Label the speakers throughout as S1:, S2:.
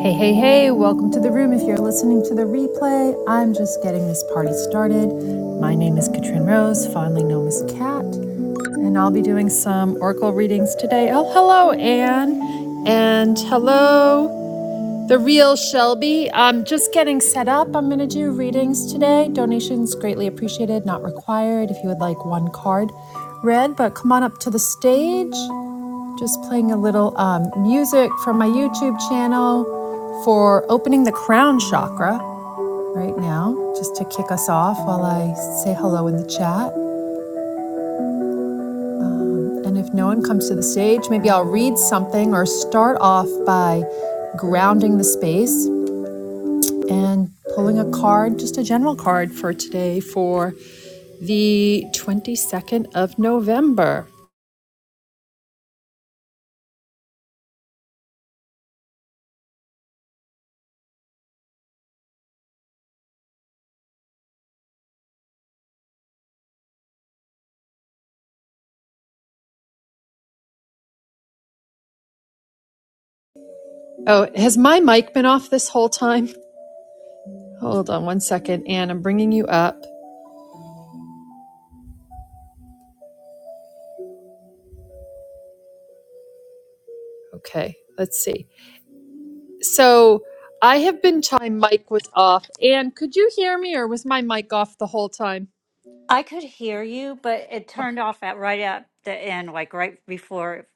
S1: Hey, hey, hey, welcome to the room. If you're listening to the replay, I'm just getting this party started. My name is Katrin Rose, fondly known as Kat, and I'll be doing some oracle readings today. Oh, hello, Anne, and hello the real Shelby. I'm just getting set up. I'm going to do readings today. Donations greatly appreciated, not required. If you would like one card read, but come on up to the stage. Just playing a little um, music from my YouTube channel for opening the crown chakra right now, just to kick us off while I say hello in the chat. And if no one comes to the stage, maybe I'll read something or start off by grounding the space and pulling a card, just a general card for today for the 22nd of November. Oh, has my mic been off this whole time? Hold on one second, Anne. I'm bringing you up. Okay, let's see. So I have been t- my mic was off. Anne, could you hear me, or was my mic off the whole time?
S2: I could hear you, but it turned off at right at the end, like right before,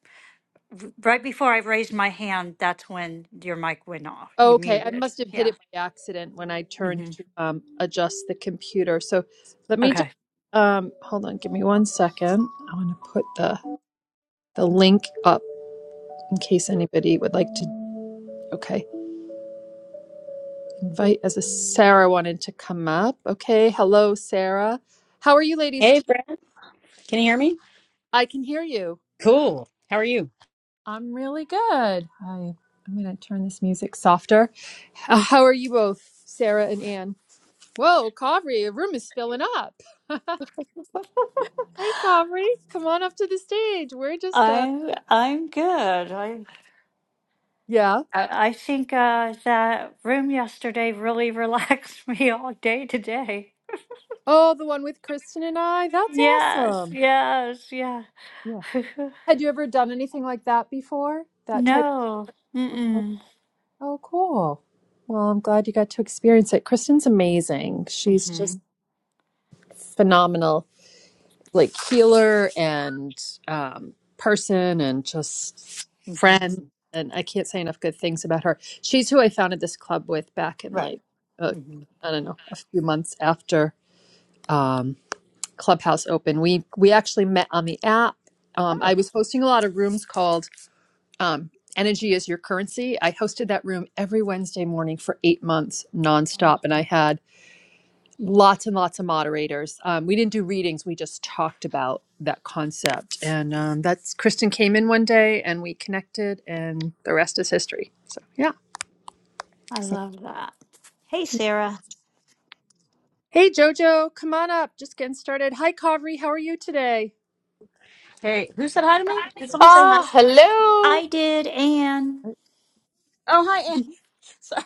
S2: right before I raised my hand. That's when your mic went off. You
S1: Okay, I
S2: muted.
S1: must have hit
S2: Yeah.
S1: it by accident when I turned
S2: hmm
S1: to um, adjust the computer. So let me just
S2: Okay.
S1: um, hold on. Give me one second. I want to put the the link up in case anybody would like to. Okay, invite as a Sarah wanted to come up. Okay, hello, Sarah. How are you, ladies?
S3: Hey,
S1: t-
S3: Brad. Can you hear me?
S1: I can hear you.
S3: Cool. How are you?
S1: I'm really good. I, I'm going to turn this music softer. Uh, How are you both, Sarah and Anne? Whoa, Kavri, your room is filling up. hey, Kavri, come on up to the stage. We're just, uh,
S2: I'm I'm good. I
S1: yeah.
S2: I I think uh, that room yesterday really relaxed me all day today.
S1: Oh, the one with Kristen and I. That's
S2: Yes.
S1: awesome.
S2: Yes. Yeah.
S1: Yeah. Had you ever done anything like that before? That type.
S2: no.
S1: Okay.
S2: Mm-mm.
S1: Oh, cool. Well, I'm glad you got to experience it. Kristen's amazing. She's
S2: hmm
S1: just phenomenal, like healer and um, person and just
S2: hmm
S1: friend. And I can't say enough good things about her. She's who I founded this club with back in
S2: Right.
S1: like, uh,
S2: hmm
S1: I don't know, a few months after um, Clubhouse opened. We we actually met on the app. Um,
S2: Oh,
S1: I was hosting a lot of rooms called um, Energy is Your Currency. I hosted that room every Wednesday morning for eight months nonstop, and I had lots and lots of moderators. Um, we didn't do readings, we just talked about that concept. And um, that's Kristen came in one day and we connected, and the rest is history. So, yeah.
S2: I
S1: So.
S2: love that. Hey, Sarah.
S1: Hey Jojo, come on up. Just getting started. Hi Kavri, how are you today?
S3: Hey, who said hi to me? Did someone say hi?
S4: Ah,
S3: Oh,
S4: hello.
S2: I did, Anne.
S3: hi, Ann. Sorry.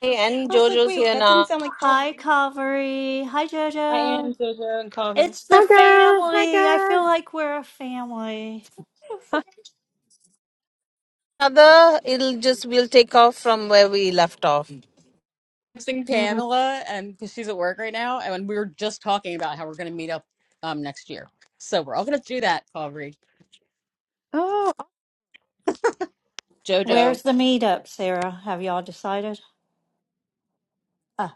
S4: Hey, and
S3: I was like,
S4: Jojo's
S3: wait,
S4: here
S3: that didn't
S4: now.
S3: sound like
S2: hi,
S3: Colby.
S2: Calvary. Hi,
S3: Hi,
S2: JoJo.
S3: Ann, Jojo, and Colby.
S2: It's
S3: I'm
S2: the
S5: Hi guys,
S2: family. I
S5: hi
S2: feel
S5: guys.
S2: like we're a family.
S1: Uh,
S4: Another, it'll just, we'll take off from where we left off.
S3: seeing
S1: Mm,
S3: Pamela, and because she's at work right now, and we were just talking about how we're going to meet up um next year. So we're all going to do that, Colby.
S1: Oh, I,
S3: Jojo.
S2: Where's the meetup, Sarah? Have y'all decided? Oh,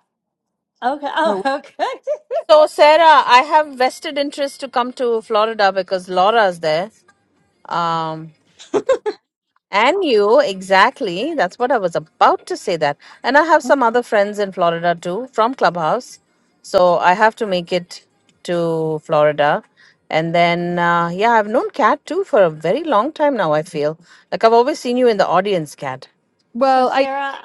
S2: okay. Oh,
S1: oh,
S2: okay.
S4: So, Sarah, I have vested interest to come to Florida because Laura's there. Um, and you, exactly. That's what I was about to say that. And I have some other friends in Florida too from Clubhouse. So I have to make it to Florida. And then, uh, yeah, I've known Kat too for a very long time now, I feel. Like I've always seen you in the audience, Kat.
S2: so,
S1: well, I.
S2: Sarah,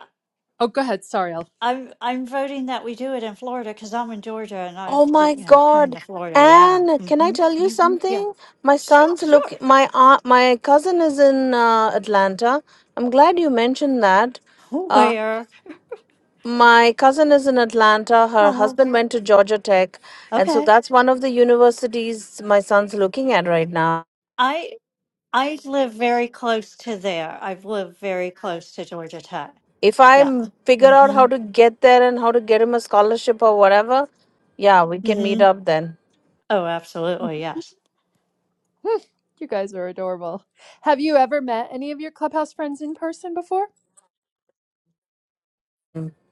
S1: Oh, go ahead. Sorry, I'll.
S2: I'm I'm voting that we do it in Florida because I'm in Georgia, and I
S4: Oh
S2: do,
S4: my
S2: you know, coming
S4: God.
S2: to Florida. Yeah.
S4: Anne! can I
S2: Mm-hmm.
S4: tell you
S2: hmm Yeah.
S4: something? My son's look
S2: Sure.
S4: my aunt my cousin is in uh, Atlanta. I'm glad you mentioned that. Uh,
S2: Where?
S4: my cousin is in Atlanta. Her
S2: Uh,
S4: husband went to Georgia Tech, and so
S2: okay.
S4: that's one of the universities my son's looking at right now.
S2: I. I live very close to there. I've lived very close to Georgia Tech.
S4: If I
S2: Yeah.
S4: m- figure out how
S2: Mhm.
S4: to get there and how to get him a scholarship or whatever, yeah, we can meet
S2: Mhm.
S4: up then.
S2: Oh, absolutely. Yes.
S1: you guys are adorable. Have you ever met any of your clubhouse friends in person before?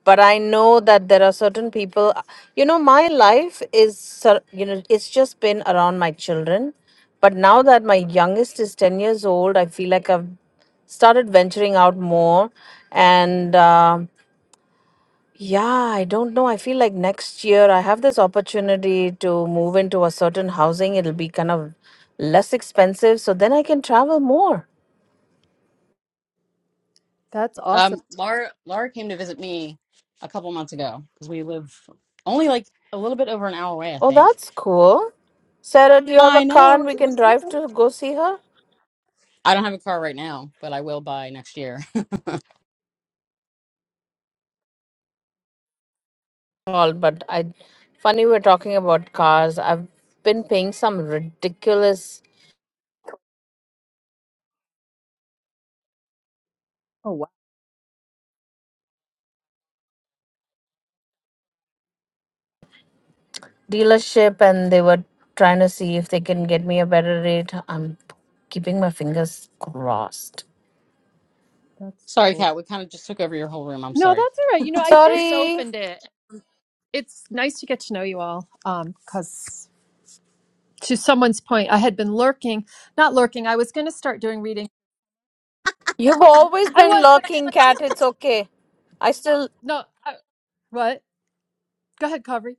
S4: but i know that there are certain people you know my life is sur- you know it's just been around my children but now that my youngest is 10 years old i feel like i've started venturing out more and um yeah i don't know i feel like next year i have this opportunity to move into a certain housing it'll be kind of less expensive so then i can travel more
S1: That's
S3: Um,
S1: awesome.
S3: Laura, Laura came to visit me a couple months ago because we live only like a little bit over an hour away, I
S4: oh
S3: think.
S4: that's cool sarah do you have a
S3: I
S4: car
S3: know.
S4: and we
S3: It
S4: can
S3: was
S4: drive
S3: awesome.
S4: to go see her
S3: I don't have a car right now, but I will by next year.
S4: all, but I funny we're talking about cars. I've been paying some ridiculous dealership and they were trying to see if they can get me a better rate. I'm keeping my fingers crossed.
S1: That's
S3: Sorry,
S1: cool.
S3: Kat, we kind of just took over your whole room. I'm
S1: No,
S3: sorry.
S1: that's all right. You know, I just
S4: Sorry.
S1: opened it. It's nice to get to know you all. Um, because to someone's point, I had been lurking, not lurking. I was going to start doing reading.
S4: You've always
S1: I
S4: been
S1: was, but I was
S4: lurking,
S1: like, I'm gonna,
S4: cat. It's okay. I still
S1: no. I, what? Go ahead, Covery.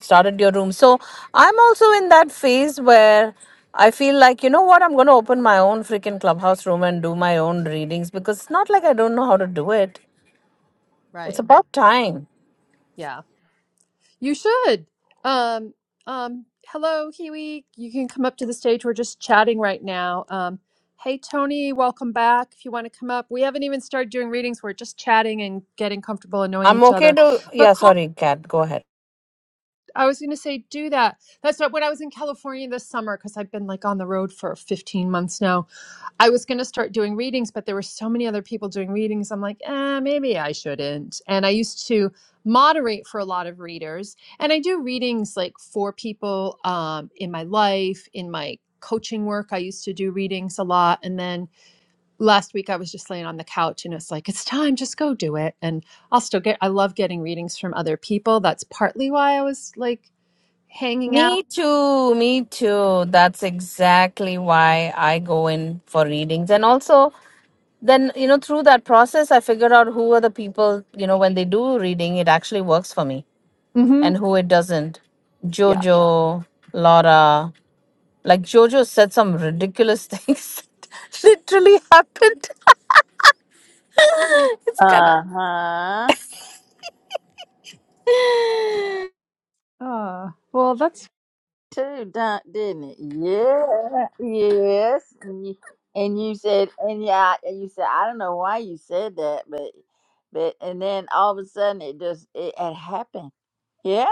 S4: started your room. So I'm also in that phase where I feel like, you know what, I'm going to open my own freaking clubhouse room and do my own readings because it's not like I don't know how to do it. It's
S1: Right.
S4: about time.
S1: Yeah. You should. Um. Um. Hello, Huey. You can come up to the stage. We're just chatting right now. Um. Hey, Tony. Welcome back. If you want to come up, we haven't even started doing readings. We're just chatting and getting comfortable and knowing
S4: I'm
S1: each
S4: okay
S1: other.
S4: to. Yeah,
S1: But
S4: sorry, Kat, go ahead.
S1: I was going to say do that. That's what when I was in California this summer because I've been like on the road for 15 months now. I was going to start doing readings, but there were so many other people doing readings. I'm like, eh, maybe I shouldn't. And I used to moderate for a lot of readers, and I do readings like for people um, in my life, in my coaching work. I used to do readings a lot, and then last week I was just laying on the couch, and it's like it's time, just go do it. And I'll still get. I love getting readings from other people. That's partly why I was like hanging out.
S4: Me too, me too. That's exactly why I go in for readings. And also, then, you know, through that process, I figure out who are the people, you know, when they do reading, it actually works for me
S1: Mm-hmm.
S4: and who it doesn't.
S1: Yeah.
S4: Jojo, Laura, like Jojo said some ridiculous things that literally happened. it's kind of,
S5: Uh huh.
S1: Oh, well, that's
S5: Too done, didn't it? Yeah. Yes. And you, and you said, and yeah, and you said, I don't know why you said that, but, but, and then all of a sudden it just it, it happened. Yeah.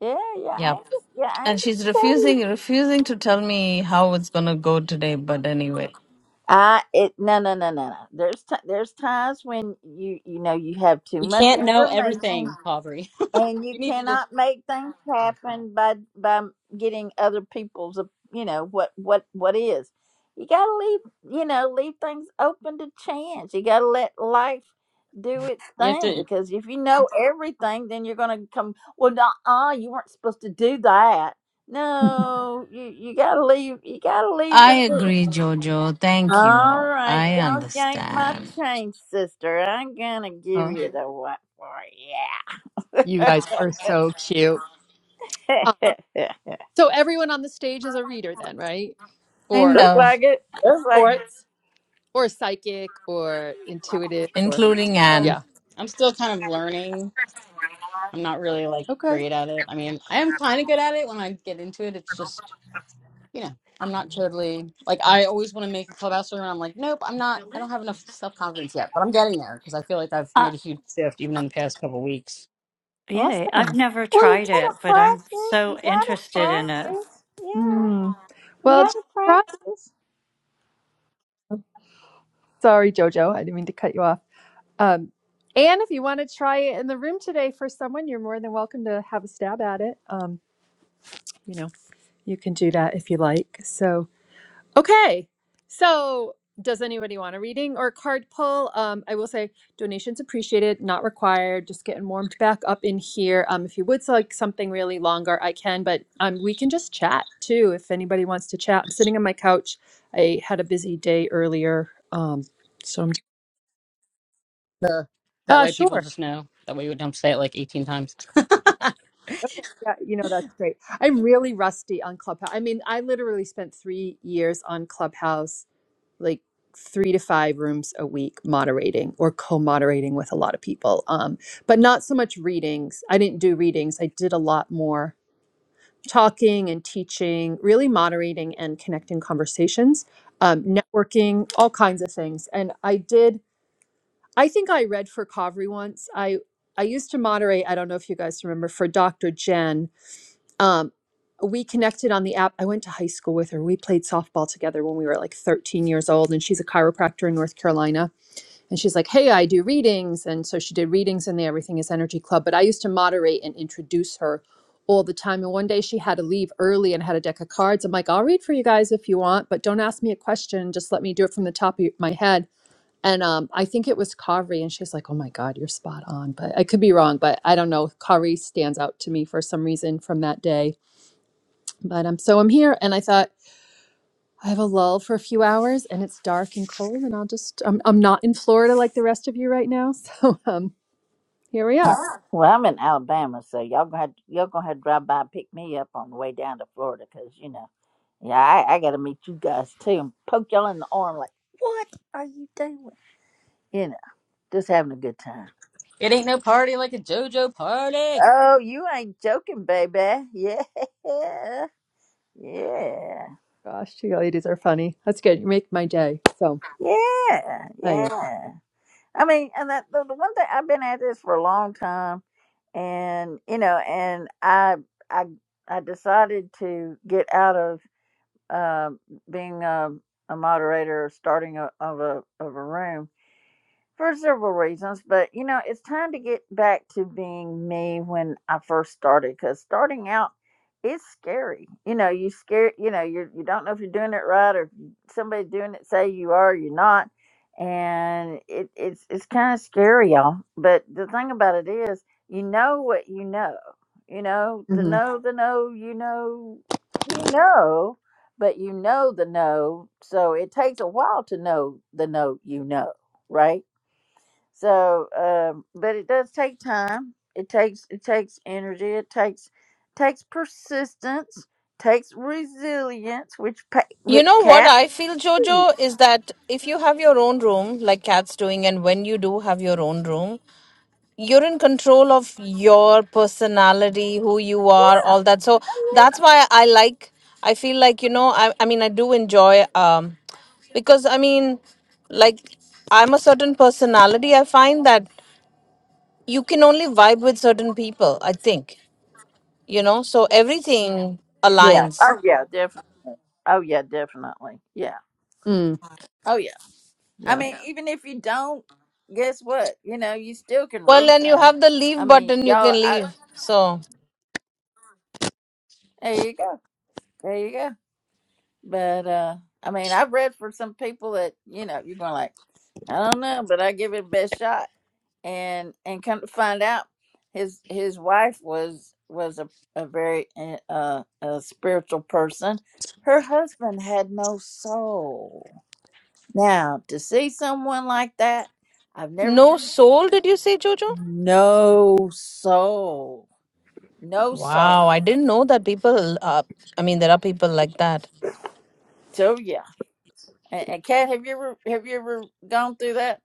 S5: Yeah. Yeah. I
S4: yeah
S5: ain't, yeah. I
S4: and
S5: ain't
S4: she's
S5: gonna tell you.
S4: refusing refusing to tell me how it's gonna go today but anyway.
S5: I it no no no no no. There's t- there's times when you you know you have too
S3: You
S5: much
S3: can't know
S5: information.
S3: everything, Pavery.
S5: and you
S3: You need to just,
S5: cannot make things happen by by getting other people's uh, you know what what what is you got to leave you know leave things open to chance you got to let life do its
S3: you have
S5: thing
S3: to,
S5: because if you know everything then you're going to come well uh you weren't supposed to do that no you you got to leave you got to leave
S4: I
S5: the room.
S4: agree, Jojo. Thank you.
S5: all right
S4: I
S5: don't yank my
S4: understand.
S5: chain sister i'm gonna give
S1: Oh,
S5: you the what for you.
S1: you
S5: Looks
S1: guys are so cute. Uh, so everyone on the stage is a reader then, right?
S4: Kind
S1: Or
S4: of,
S5: like it. Looks like
S1: or
S5: it.
S1: or psychic or intuitive or
S4: including
S3: so
S4: Anne.
S1: yeah.
S3: I'm still kind of learning. I'm not really like
S1: Okay.
S3: great at it. I mean, I am kind of good at it when I get into it. It's just, you know, I'm not totally, like, I always want to make a clubhouse room. And I'm like, nope, I'm not, I don't have enough self confidence yet, but I'm getting there because I feel like I've
S2: Uh,
S3: made a huge shift even in the past couple weeks.
S2: yay. I've
S1: awesome.
S2: never
S5: Well, you
S2: tried
S5: gotta
S2: it, but I'm
S5: practice.
S2: so
S5: You gotta
S2: interested in it.
S5: practice. Yeah,
S1: Mm. Well,
S5: you
S1: just
S5: gotta
S1: try.
S5: practice.
S1: Oh, Sorry, Jojo, I didn't mean to cut you off. Um, and if you want to try it in the room today for someone, you're more than welcome to have a stab at it. Um, you know, you can do that if you like. So. Okay. So, does anybody want a reading or a card pull? Um, I will say donations appreciated, not required. Just getting warmed back up in here. Um, if you would like something really longer, I can, but um, we can just chat too if anybody wants to chat. I'm sitting on my couch. I had a busy day earlier. Um, so I'm
S3: The that
S1: uh,
S3: way people
S1: sure.
S3: just know. That way we don't say it like 18 times.
S1: Okay, yeah, you know that's great. I'm really rusty on Clubhouse. I mean, I literally spent three years on Clubhouse like three to five rooms a week moderating or co-moderating with a lot of people um, but not so much readings i didn't do readings i did a lot more talking and teaching really moderating and connecting conversations um, networking all kinds of things and i did i think i read for kavri once i i used to moderate i don't know if you guys remember for dr jen um, we connected on the app. I went to high school with her. We played softball together when we were like 13 years old, and she's a chiropractor in North Carolina. And she's like, Hey, I do readings. And so she did readings in the Everything is Energy Club. But I used to moderate and introduce her all the time. And one day she had to leave early and had a deck of cards. I'm like, I'll read for you guys if you want, but don't ask me a question. Just let me do it from the top of my head. And um, I think it was Kari. And she's like, Oh my God, you're spot on. But I could be wrong, but I don't know. Kari stands out to me for some reason from that day but um, so I'm here, and I thought I have a lull for a few hours, and it's dark and cold, and I'll just I'm I'm not in Florida like the rest of you right now, so um, here we are.
S5: Well, I'm in Alabama, so y'all gonna have, y'all gonna have to drive by and pick me up on the way down to Florida, 'cause you know, yeah, I, I gotta meet you guys too and poke y'all in the arm like, what are you doing? You know, just having a good time.
S3: It ain't no party like a JoJo party.
S5: Oh, you ain't joking, baby. Yeah. Yeah,
S1: Gosh, you ladies are funny. That's good. You make my day. So
S5: yeah,
S1: I yeah.
S5: yeah. I mean, and that the, the one thing I've been at this for a long time, and you know, and I I I decided to get out of um being a, a moderator, or starting a, of a of a room for several reasons, but you know, it's time to get back to being me when I first started because starting out is scary. You know, you scare, you know, you you don't know if you're doing it right or if somebody's doing it, say you are, you're not, and it it's it's kind of scary, y'all. But the thing about it is, you know what you know. You know the
S1: Mm-hmm.
S5: know, the know, you know, you know, but you know the know. So it takes a while to know the know you know, right? So, um, but it does take time. It takes it takes energy. It takes takes persistence. Takes resilience. Which pa-
S4: You
S5: which
S4: know what
S5: cat?
S4: I feel,
S5: shoot,
S4: Jojo, is that if you have your own room, like Kat's doing, and when you do have your own room, you're in control of your personality, who you are, all that. So that's
S5: Yeah.
S4: why I like, I feel like, you know, I, I mean, I do enjoy, um, because I mean, like, I'm a certain personality. I find that you can only vibe with certain people, I think. You know, so everything
S5: Yeah.
S4: aligns.
S5: Oh yeah, definitely. Oh yeah, definitely. Yeah.
S1: Mm,
S5: Oh yeah. I
S1: yeah.
S5: mean, Yeah. even if you don't, guess what? You know, you still can
S4: Well,
S5: read
S4: and you
S5: for them.
S4: have the
S5: I
S4: leave
S5: mean,
S4: button, you
S5: y'all.
S4: can
S5: I,
S4: leave. So,
S5: there you go. There you go. But uh I mean I've read for some people that, you know, you're going like, I don't know, but I give it a best shot. And and come to find out his his wife was was a, a very uh, uh, a spiritual person. Her husband had no soul. Now, to see someone like that, I've never
S4: no
S5: seen
S4: soul, did you say, Jojo?
S5: no soul. No soul.
S4: Wow, I didn't know that people, uh, I mean, there are people like that.
S5: So yeah. And, and Kat, have you ever have you ever gone through that?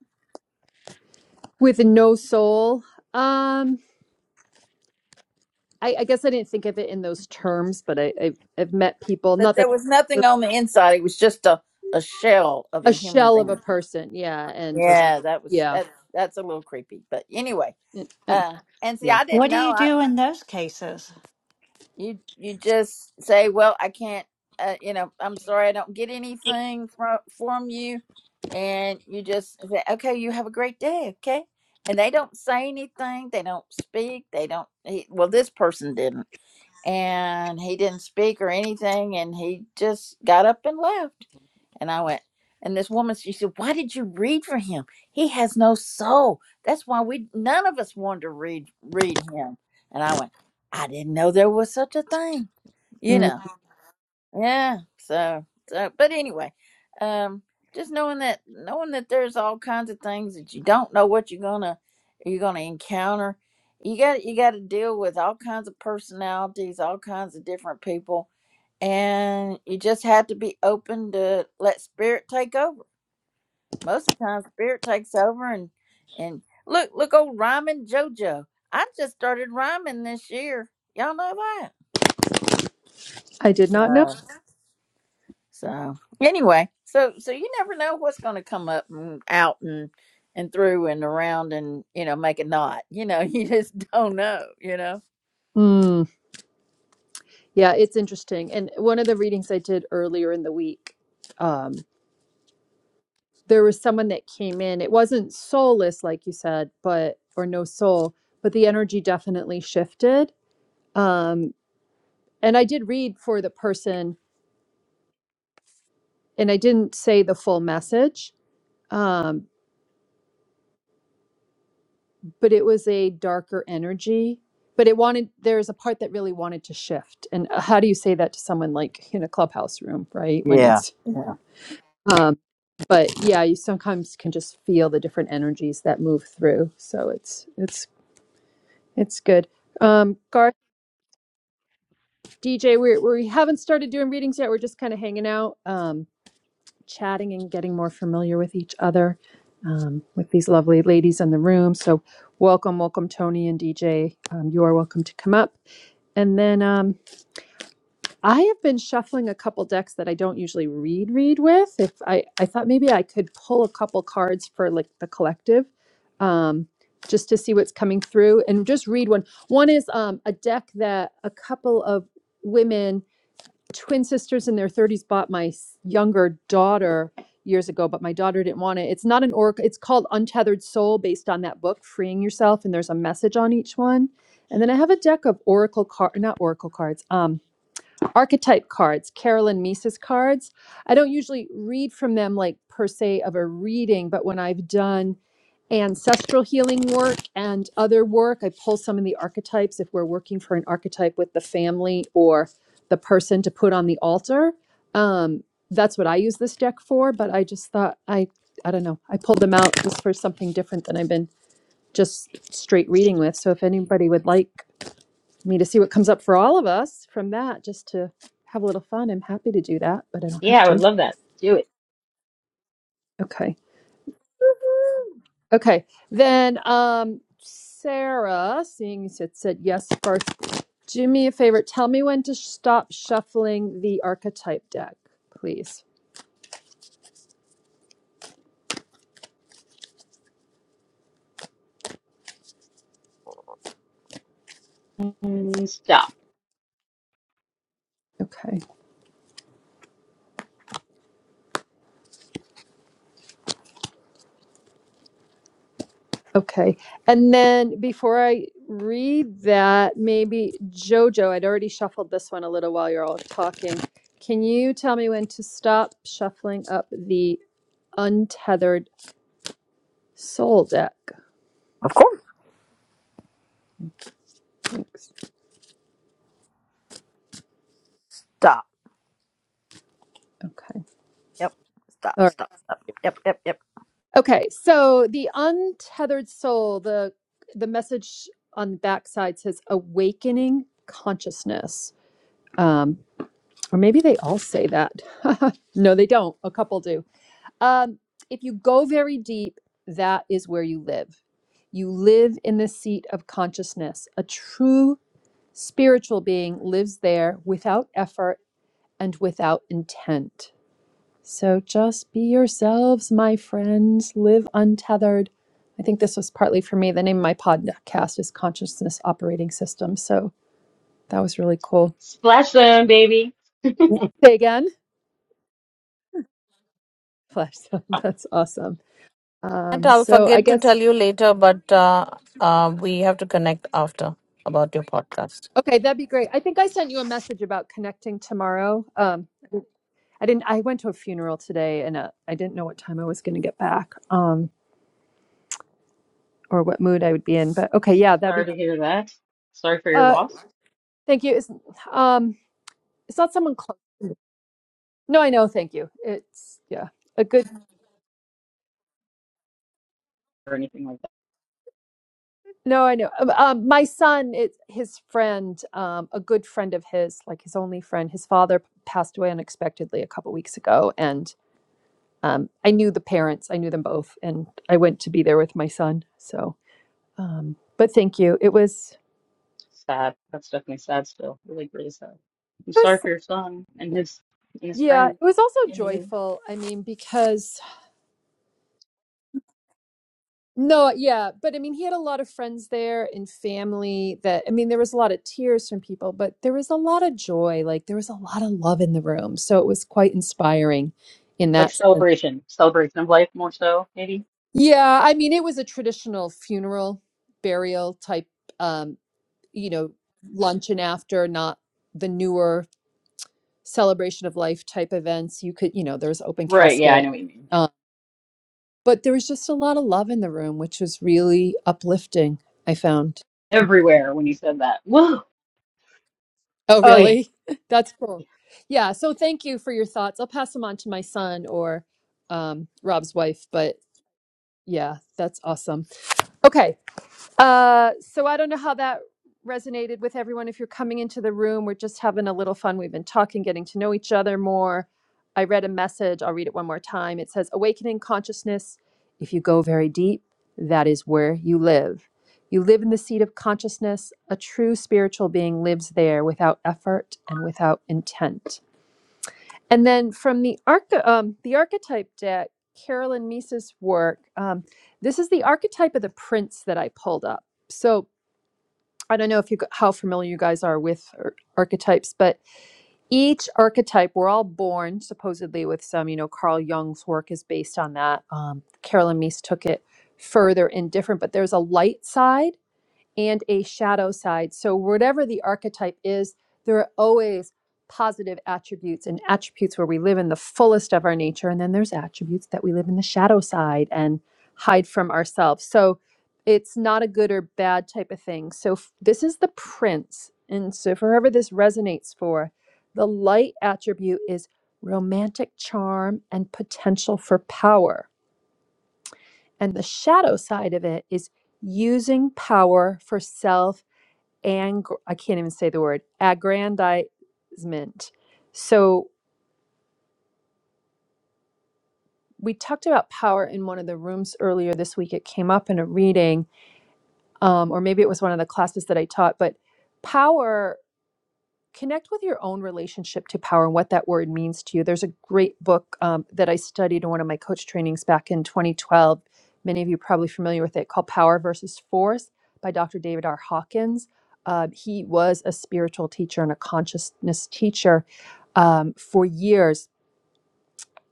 S1: With no soul. Um, I, I guess I didn't think of it in those terms, but I, I I've met people.
S5: But
S1: Not that
S5: there was nothing on the inside. It was just a, a shell of
S1: a
S5: a human
S1: shell of a
S5: being.
S1: person. Yeah, and just
S5: Yeah, that was
S1: yeah,
S5: that that's a little creepy. But anyway,
S1: and, and
S5: uh and see
S1: yeah.
S5: I didn't
S2: What do
S5: know
S2: you
S5: I
S2: do in those cases?
S5: you you just say, "Well, I can't uh, you know, I'm sorry I don't get anything from from you." And you just say, "Okay, you have a great day." Okay? And they don't say anything. They don't speak. They don't he, well, this person didn't and he didn't speak or anything and he just got up and left and i went and this woman she said why did you read for him he has no soul that's why we none of us wanted to read read him and i went i didn't know there was such a thing you
S1: Mm,
S5: know yeah. So, so but anyway, um, just knowing that knowing that there's all kinds of things that you don't know what you're gonna you're gonna encounter. You got you got to deal with all kinds of personalities, all kinds of different people, and you just have to be open to let spirit take over. Most of the time, spirit takes over, and and look look old rhyming JoJo. I just started rhyming this year. Y'all know that.
S1: I did not know.
S5: So. So anyway, so so you never know what's going to come up and out and and through and around and you know make a knot. You know, you just don't know. You know.
S1: Hmm. Yeah, it's interesting. And one of the readings I did earlier in the week, um, there was someone that came in. It wasn't soulless, like you said, but or no soul, but the energy definitely shifted. Um, and I did read for the person, and I didn't say the full message, um, but it was a darker energy. But it wanted there's a part that really wanted to shift. And uh, how do you say that to someone like in a clubhouse room, right? When
S5: Yeah.
S1: it's
S5: Yeah.
S1: Um, but yeah, you sometimes can just feel the different energies that move through. So it's it's it's good. Um, Garth, DJ, we we haven't started doing readings yet. We're just kind of hanging out, um, chatting and getting more familiar with each other, um, with these lovely ladies in the room. So welcome, welcome, Tony and DJ. Um, you are welcome to come up, and then. Um, I have been shuffling a couple decks that I don't usually read read with. If I I thought maybe I could pull a couple cards for like the collective, um, just to see what's coming through and just read one. One is um, a deck that a couple of women, twin sisters in their thirties, bought my s- younger daughter years ago, but my daughter didn't want it. It's not an oracle. It's called Untethered Soul, based on that book, Freeing Yourself, and there's a message on each one. And then I have a deck of oracle card, not oracle cards. Um, archetype cards, Carolyn Mises cards. I don't usually read from them like per se of a reading, but when I've done ancestral healing work and other work, I pull some of the archetypes if we're working for an archetype with the family or the person to put on the altar. Um, that's what I use this deck for, but I just thought I I don't know. I pulled them out just for something different than I've been just straight reading with. So if anybody would like me to see what comes up for all of us from that just to have a little fun. I'm happy to do that, but I don't have
S3: Yeah, I
S1: to.
S3: would love that. Do it.
S1: Okay.
S5: Woohoo.
S1: Okay. Then um Sarah, seeing you said, said yes first, do me a favor. Tell me when to stop shuffling the archetype deck, please.
S3: Mm, Stop.
S1: Okay. Okay. And then before I read that, maybe Jojo, I'd already shuffled this one a little while you're all talking. Can you tell me when to stop shuffling up the untethered Soul deck.
S5: Of course.
S1: Thanks.
S5: Stop.
S1: Okay.
S5: Yep. Stop.
S1: All right.
S5: Stop. Stop. Yep. Yep. Yep.
S1: Okay. So the untethered soul, the the message on the backside says awakening consciousness. Um, or maybe they all say that. no, they don't. A couple do. Um, if you go very deep, that is where you live. You live in the seat of consciousness. A true spiritual being lives there without effort and without intent. So just be yourselves, my friends. Live untethered. I think this was partly for me. The name of my podcast is Consciousness Operating System. So that was really cool.
S3: Splash zone, baby.
S1: Yep. Say again. Flash.
S3: Oh,
S1: That's awesome.
S4: And
S1: Um,
S4: I'll
S1: so I
S4: forget to
S1: guess
S4: tell you later, but uh, uh, we have to connect after about your podcast.
S1: okay, that'd be great. I think I sent you a message about connecting tomorrow. Um, I didn't. I went to a funeral today, and uh, I didn't know what time I was going to get back, um, or what mood I would be in. But okay, yeah, that'd
S3: Sorry
S1: be.
S3: to hear that. Sorry for your
S1: Uh,
S3: loss
S1: thank you. It's, um, it's not someone close. No, I know. Thank you. It's yeah, a good.
S3: or anything like that.
S1: No, I know. Um, um, my son, it's his friend, um, a good friend of his, like his only friend. His father passed away unexpectedly a couple weeks ago, and um, I knew the parents. I knew them both, and I went to be there with my son. So, um, but thank you. It was,
S3: Sad. That's definitely sad still. Really, really sad. I'm
S1: it was,
S3: sorry for your son and his and his
S1: yeah, it
S3: friend
S1: was also
S3: and you.
S1: joyful. I mean, because No, yeah, but I mean, he had a lot of friends there and family that, I mean, there was a lot of tears from people, but there was a lot of joy. Like, there was a lot of love in the room. So it was quite inspiring in
S3: Like
S1: that sense.
S3: celebration. Celebration of life more so, maybe.
S1: Yeah, I mean, it was a traditional funeral burial type, um, you know, luncheon after, not the newer celebration of life type events. You could, you know, there was open
S3: Right, yeah, I know
S1: casket.
S3: what you mean. Yeah.
S1: Um, but there was just a lot of love in the room, which was really uplifting, I found.
S3: Everywhere when you said that. Whoa.
S1: Oh,
S3: Oh yeah.
S1: really? That's cool. Yeah. So thank you for your thoughts. I'll pass them on to my son or um, Rob's wife. But yeah, that's awesome. Okay. Uh, so I don't know how that resonated with everyone. If you're coming into the room, we're just having a little fun. We've been talking, getting to know each other more. I read a message. I'll read it one more time. It says, Awakening consciousness. If you go very deep, that is where you live. You live in the seat of consciousness. A true spiritual being lives there without effort and without intent. And then from the arch- um, the archetype deck, Carolyn Mises' work. Um, this is the archetype of the prince that I pulled up. So I don't know if you how familiar you guys are with archetypes, but each archetype we're all born supposedly with some. You know, Carl Jung's work is based on that. Um, Carolyn Meese took it further in different, but there's a light side and a shadow side. So, whatever the archetype is, there are always positive attributes and attributes where we live in the fullest of our nature. And then there's attributes that we live in the shadow side and hide from ourselves. So, it's not a good or bad type of thing. So, f- this is the prince. And so, for whoever this resonates for, the light attribute is romantic charm and potential for power. And the shadow side of it is using power for self and I can't even say the word aggrandizement. So we talked about power in one of the rooms earlier this week. It came up in a reading, um, or maybe it was one of the classes that I taught. But power connect with your own relationship to power and what that word means to you. There's a great book um, that I studied in one of my coach trainings back in 2012. Many of you are probably familiar with it, called Power versus Force by Dr. David R. Hawkins. Uh, he was a spiritual teacher and a consciousness teacher um, for years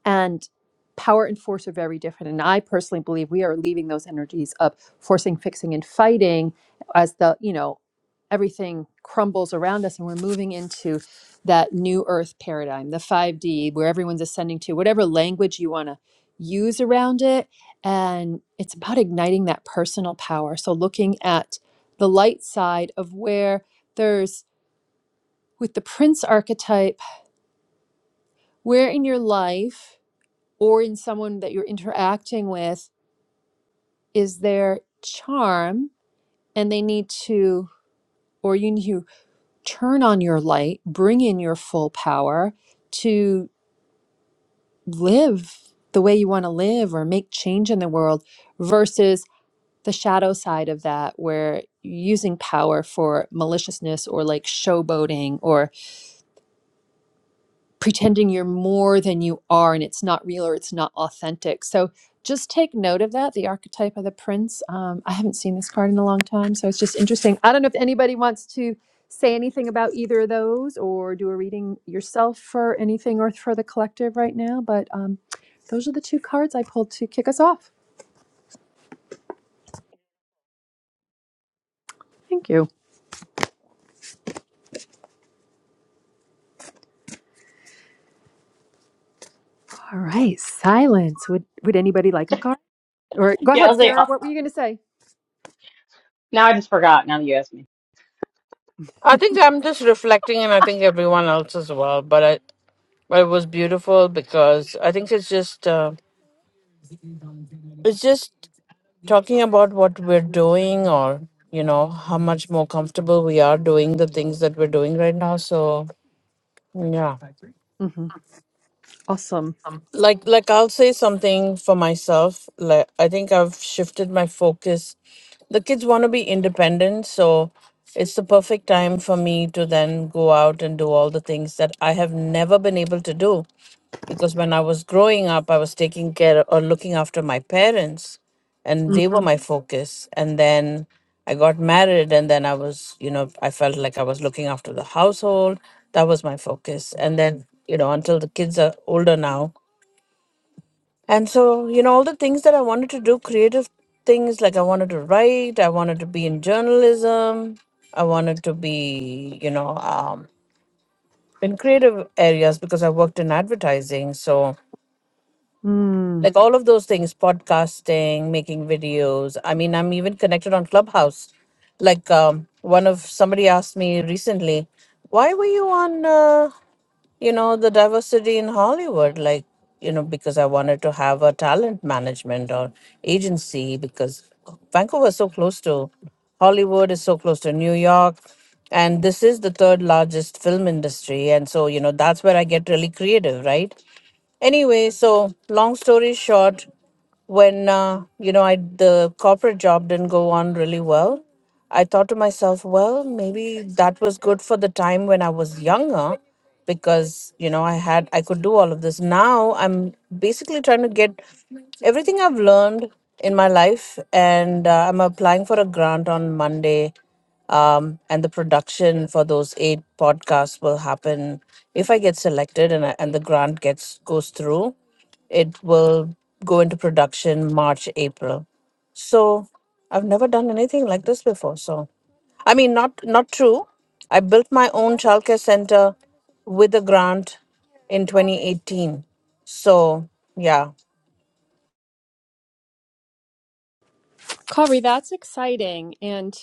S1: and power and force are very different and i personally believe we are leaving those energies of forcing fixing and fighting as the you know everything crumbles around us and we're moving into that new earth paradigm the 5d where everyone's ascending to whatever language you want to use around it and it's about igniting that personal power so looking at the light side of where there's with the prince archetype where in your life or in someone that you're interacting with is their charm and they need to or you need to turn on your light bring in your full power to live the way you want to live or make change in the world versus the shadow side of that where you're using power for maliciousness or like showboating or. pretending you're more than you are and it's not real or it's not authentic. So just take note of that, the archetype of the prince. Um, I haven't seen this card in a long time, so it's just interesting. I don't know if anybody wants to say anything about either of those or do a reading yourself for anything or for the collective right now, but um, those are the two cards I pulled to kick us off. Thank you. All right, silence. Would would anybody like a card? Or go
S3: Yeah, I
S1: ahead,
S3: was like, uh,
S1: Sarah. What were you going to say?
S3: now I just forgot now that you asked me.
S4: I think I'm just reflecting, and I think everyone else as well. But I, but it was beautiful because I think it's just. Uh, It's just talking about what we're doing or, you know, how much more comfortable we are doing the things that we're doing right now. So, yeah.
S1: hmm Awesome.
S4: Like like I'll say something for myself. Like I think I've shifted my focus. The kids want to be independent, so it's the perfect time for me to then go out and do all the things that I have never been able to do because when I was growing up, I was taking care or looking after my parents, and they were my focus. And then I got married, and then I was, you know, I felt like I was looking after the household. That was my focus. And then, you know, until the kids are older now. And so, you know, all the things that I wanted to do, creative things, like I wanted to write, I wanted to be in journalism, I wanted to be, you know, um, in creative areas because I worked in advertising. So,
S1: Mhm.
S4: like all of those things podcasting making videos i mean i'm even connected on clubhouse like um, one of somebody asked me recently why were you on uh, you know the diversity in hollywood like you know because i wanted to have a talent management or agency because vancouver is so close to hollywood is so close to new york and this is the third largest film industry and so you know that's where i get really creative right anyway so long story short when uh, you know I the corporate job didn't go on really well, I thought to myself, well, maybe that was good for the time when I was younger because you know I had I could do all of this. Now I'm basically trying to get everything I've learned in my life and uh, I'm applying for a grant on Monday um, and the production for those eight podcasts will happen if I get selected and I, and the grant gets goes through. It will go into production March, April. So I've never done anything like this before. So I mean, not not true. I built my own childcare center with a grant in 2018. So yeah,
S1: Corey, that's exciting. And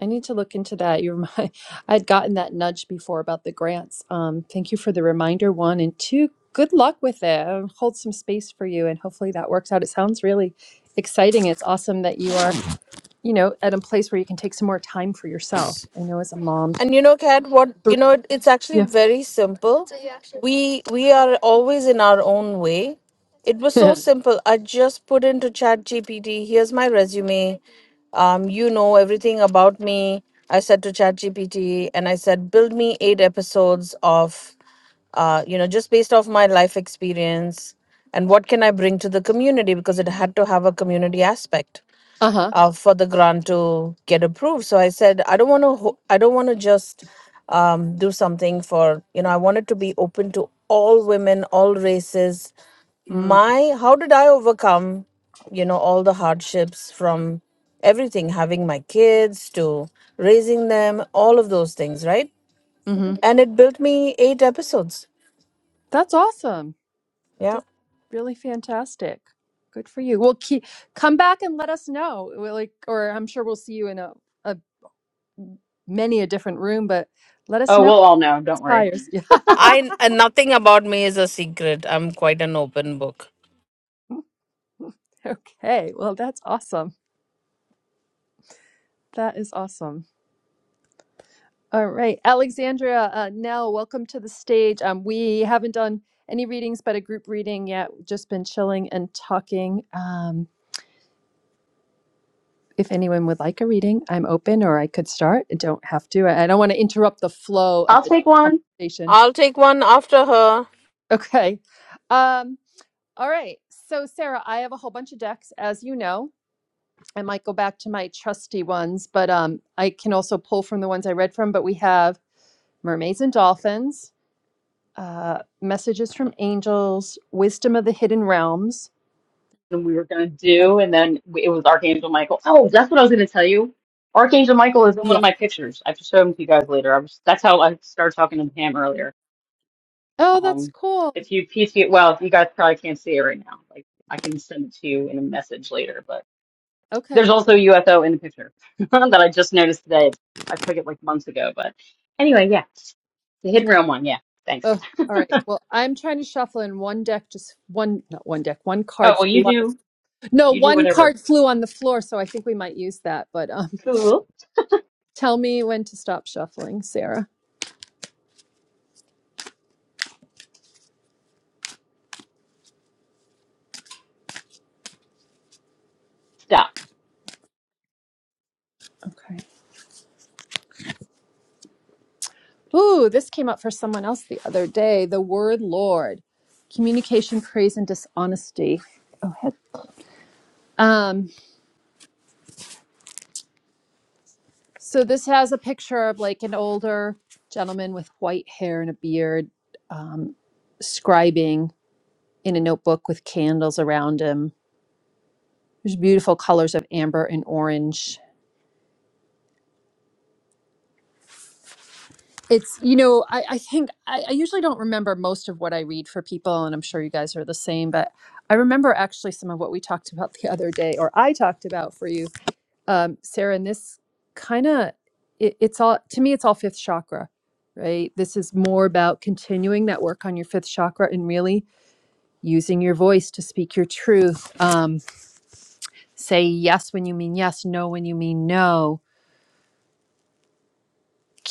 S1: I need to look into that. You remind I'd gotten that nudge before about the grants. Um, thank you for the reminder, one and two. Good luck with it. I'll hold some space for you and hopefully that works out. It sounds really exciting. It's awesome that you are, you know, at a place where you can take some more time for yourself. I know as a mom.
S4: And you know, Kat, what
S1: Three.
S4: you know, it- it's actually
S1: Yeah.
S4: very simple. We we are always in our own way. It was so simple. I just put into Chat GPT, here's my resume. Um, you know everything about me. I said to Chat GPT and I said, build me eight episodes of uh, you know, just based off my life experience and what can I bring to the community because it had to have a community aspect
S1: uh-huh.
S4: uh, for the grant to get approved. So I said, I don't want to, ho- I don't want to just um, do something for, you know, I wanted to be open to all women, all races.
S1: Mm,
S4: My, how did I overcome, you know, all the hardships from everything, having my kids to raising them, all of those things, right?
S1: Mm-hmm.
S4: And it built me eight episodes.
S1: That's awesome.
S4: Yeah.
S1: That's really fantastic. Good for you. Well, keep, come back and let us know. We're like, or I'm sure we'll see you in a, a many a different room, but let us
S3: Oh,
S1: know
S3: we'll
S1: what's
S3: all know, don't worry.
S1: fires. Yeah.
S4: I, and nothing about me is a secret. I'm quite an open book.
S1: Okay. Well, that's awesome. That is awesome. All right, Alexandria, uh, Nell, welcome to the stage. Um, we haven't done any readings, but a group reading yet. We've Just been chilling and talking. Um, if anyone would like a reading, I'm open, or I could start. I don't have to. I I don't want to interrupt the flow of
S3: I'll
S1: the
S3: take one.
S1: conversation.
S4: I'll take one after her.
S1: Okay. Um, all right. So, Sarah, I have a whole bunch of decks, as you know. I might go back to my trusty ones, but um, I can also pull from the ones I read from. But we have Mermaids and Dolphins, uh, Messages from Angels, Wisdom of the Hidden Realms.
S3: and we were going to
S1: That's,
S3: do, and then it was Archangel Michael. Oh, that's what I was going to tell you. Archangel Michael is in one of
S1: yeah.
S3: my pictures. I have to show him to you guys later. I was, that's how I started talking to Pam earlier.
S1: Oh, that's
S3: Um,
S1: cool.
S3: if you PC it, well, you guys probably can't see it right now. Like I can send it to you in a message later. But there's
S1: Okay.
S3: also a UFO in the picture that I just noticed today. It's, I took it like months ago, but anyway, yeah, the hidden
S1: Okay.
S3: realm one. Yeah, thanks.
S1: Oh, all right. Well, I'm trying to shuffle in one deck, just one, not one deck, one
S3: Oh
S1: card
S3: well,
S1: flew
S3: you
S1: on the,
S3: do
S1: no,
S3: you do
S1: one
S3: whatever.
S1: card flew on the floor. So I think we might use that, but, um,
S3: Cool.
S1: Tell me when to stop shuffling, Sarah.
S3: Stop.
S1: Okay. Ooh, this came up for someone else the other day. The word Lord, communication, praise, and dishonesty. Oh, heck. Um, so this has a picture of like an older gentleman with white hair and a beard, um, scribing in a notebook with candles around him. There's beautiful colors of amber and orange It's, you know, I, I think I, I usually don't remember most of what I read for people, and I'm sure you guys are the same, but I remember actually some of what we talked about the other day, or I talked about for you, um, Sarah. And this kind of, it, it's all, to me, it's all fifth chakra, right? This is more about continuing that work on your fifth chakra and really using your voice to speak your truth. Um, say yes when you mean yes, no when you mean no.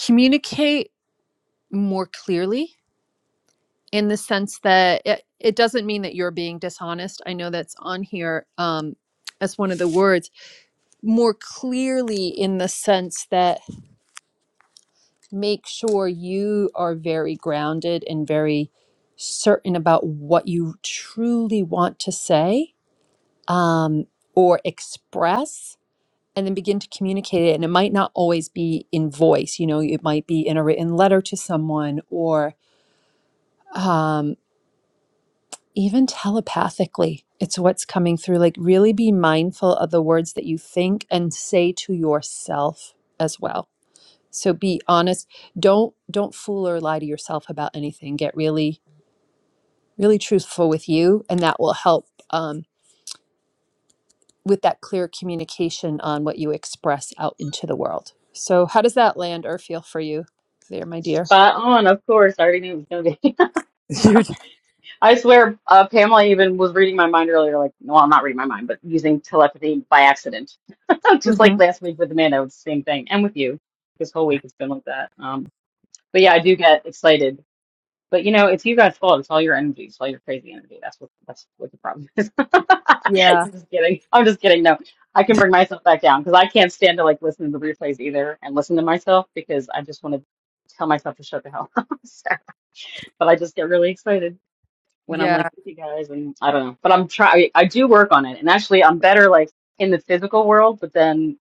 S1: Communicate more clearly in the sense that it, it doesn't mean that you're being dishonest. I know that's on here um, as one of the words, more clearly in the sense that make sure you are very grounded and very certain about what you truly want to say um, or express. And then begin to communicate it. And it might not always be in voice. You know, it might be in a written letter to someone or um, even telepathically it's what's coming through like really be mindful of the words that you think and say to yourself as well so be honest don't don't fool or lie to yourself about anything get really really truthful with you and that will help um, with that clear communication on what you express out into the world so how does that land or feel for you there my dear
S3: Spot on. Of course, I already knew it was gonna be.
S1: Dude.
S3: I swear, uh, Pamela even was reading my mind earlier. Like, well, I'm not reading my mind, but using telepathy by accident, just like
S1: hmm
S3: last week with Amanda, it was the same thing, and with you. This whole week has been like that. Um, but yeah, I do get excited. But you know, it's you guys' fault. It's all your energy. It's all your crazy energy. That's what that's what the problem is.
S1: yeah
S3: I'm just kidding. I'm just kidding. No, I can bring myself back down because I can't stand to like listen to the replays either and listen to myself because I just want to tell myself to shut the hell up. So, but I just get really excited when I'm like
S1: yeah
S3: with you guys and I don't know. But I'm trying I do work on it. And actually I'm better like in the physical world, but then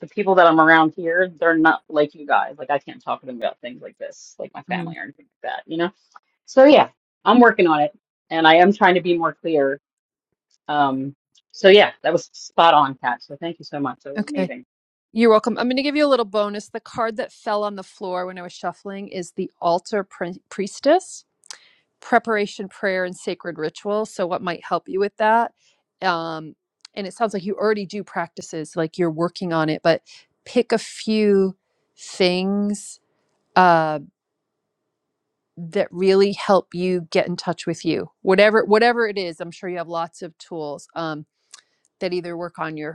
S3: the people that I'm around here, they're not like you guys. Like I can't talk to them about things like this, like my
S1: Mm.
S3: family or anything like that, you know? So yeah, I'm working on it and I am trying to be more clear. Um so yeah, that was spot on, Kat. So thank you so much. That was
S1: okay
S3: amazing.
S1: You're welcome. I'm going to give you a little bonus. The card that fell on the floor when I was shuffling is the altar pri- priestess, preparation, prayer, and sacred ritual. So, what might help you with that? Um, and it sounds like you already do practices, like you're working on it, but pick a few things uh, that really help you get in touch with you. Whatever, whatever it is, I'm sure you have lots of tools um, that either work on your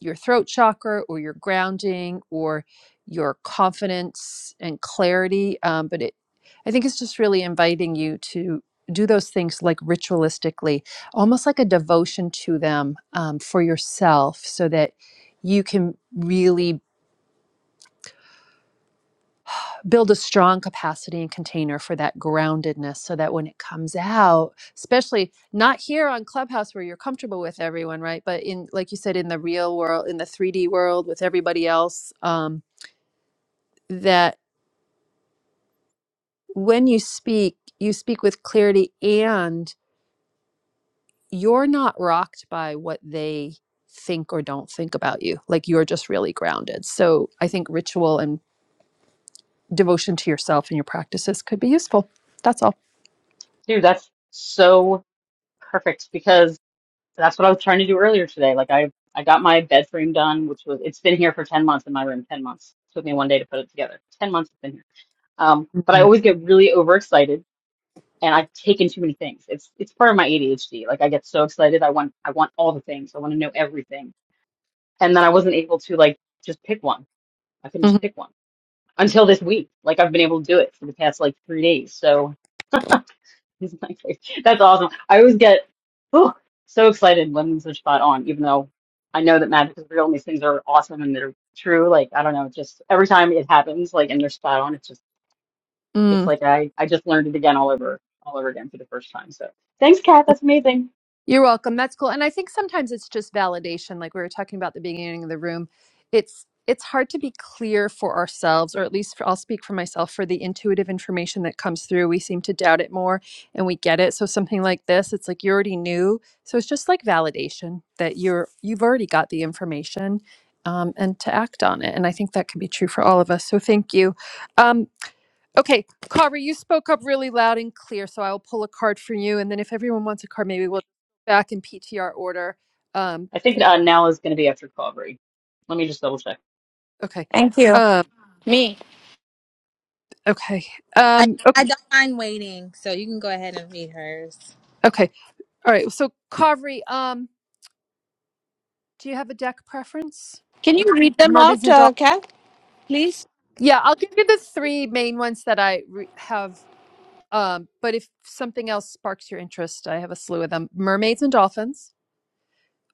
S1: your throat chakra or your grounding or your confidence and clarity. Um, but it, I think it's just really inviting you to do those things like ritualistically, almost like a devotion to them um, for yourself so that you can really build a strong capacity and container for that groundedness so that when it comes out especially not here on clubhouse where you're comfortable with everyone right but in like you said in the real world in the 3d world with everybody else um, that when you speak, you speak with clarity and you're not rocked by what they think or don't think about you. Like you're just really grounded. So I think ritual and devotion to yourself and your practices could be useful. That's all.
S3: Dude, that's so perfect because. That's what I was trying to do earlier today. Like I, I got my bed frame done, which was it's been here for 10 months in my room, 10 months. took me one day to put it together. 10 months it's been here. Um, but I
S1: Mhm.
S3: always get really overexcited and I've taken too many things. It's it's part of my ADHD. Like I get so excited, I want I want all the things. I want to know everything. And then I wasn't able to like just pick one. I couldn't just pick one until this week. Like I've been able to do it for the past like three days. So It's my favorite. That's awesome. I always get oh, so excited when they are spot on, even though I know that magic is real and these things are awesome and they're true. Like, I don't know, just every time it happens, like, and they're spot on, it's just,
S1: Mhm.
S3: it's like I, I just learned it again all over, all over again for the first time. So thanks, Kat. That's amazing.
S1: You're welcome. That's cool. And I think sometimes it's just validation, like we were talking about at the beginning of the room. It's it's hard to be clear for ourselves, or at least for, I'll speak for myself. For the intuitive information that comes through, we seem to doubt it more, and we get it. So something like this, it's like you already knew. So it's just like validation that you're you've already got the information, um, and to act on it. And I think that can be true for all of us. So thank you. Um, Okay, Carver, you spoke up really loud and clear, so I'll pull a card for you. And then if everyone wants a card, maybe we'll go back in PTR order. Um,
S3: I think uh, now is going to be after Calvary. Let me just double check.
S1: okay.
S4: Thank you.
S1: Um, okay.
S6: I
S1: Um, o-
S6: I don't mind waiting, so you can go ahead and read hers.
S1: okay. All right. So, Carvery, um, do you have a deck preference?
S4: Can you read them
S1: Mermaids
S4: out,
S1: and
S4: uh,
S1: Dolphins?
S4: Cal? Please.
S1: Yeah, I'll give you the three main ones that I re- have. Um, but if something else sparks your interest, I have a slew of them Mermaids and Dolphins,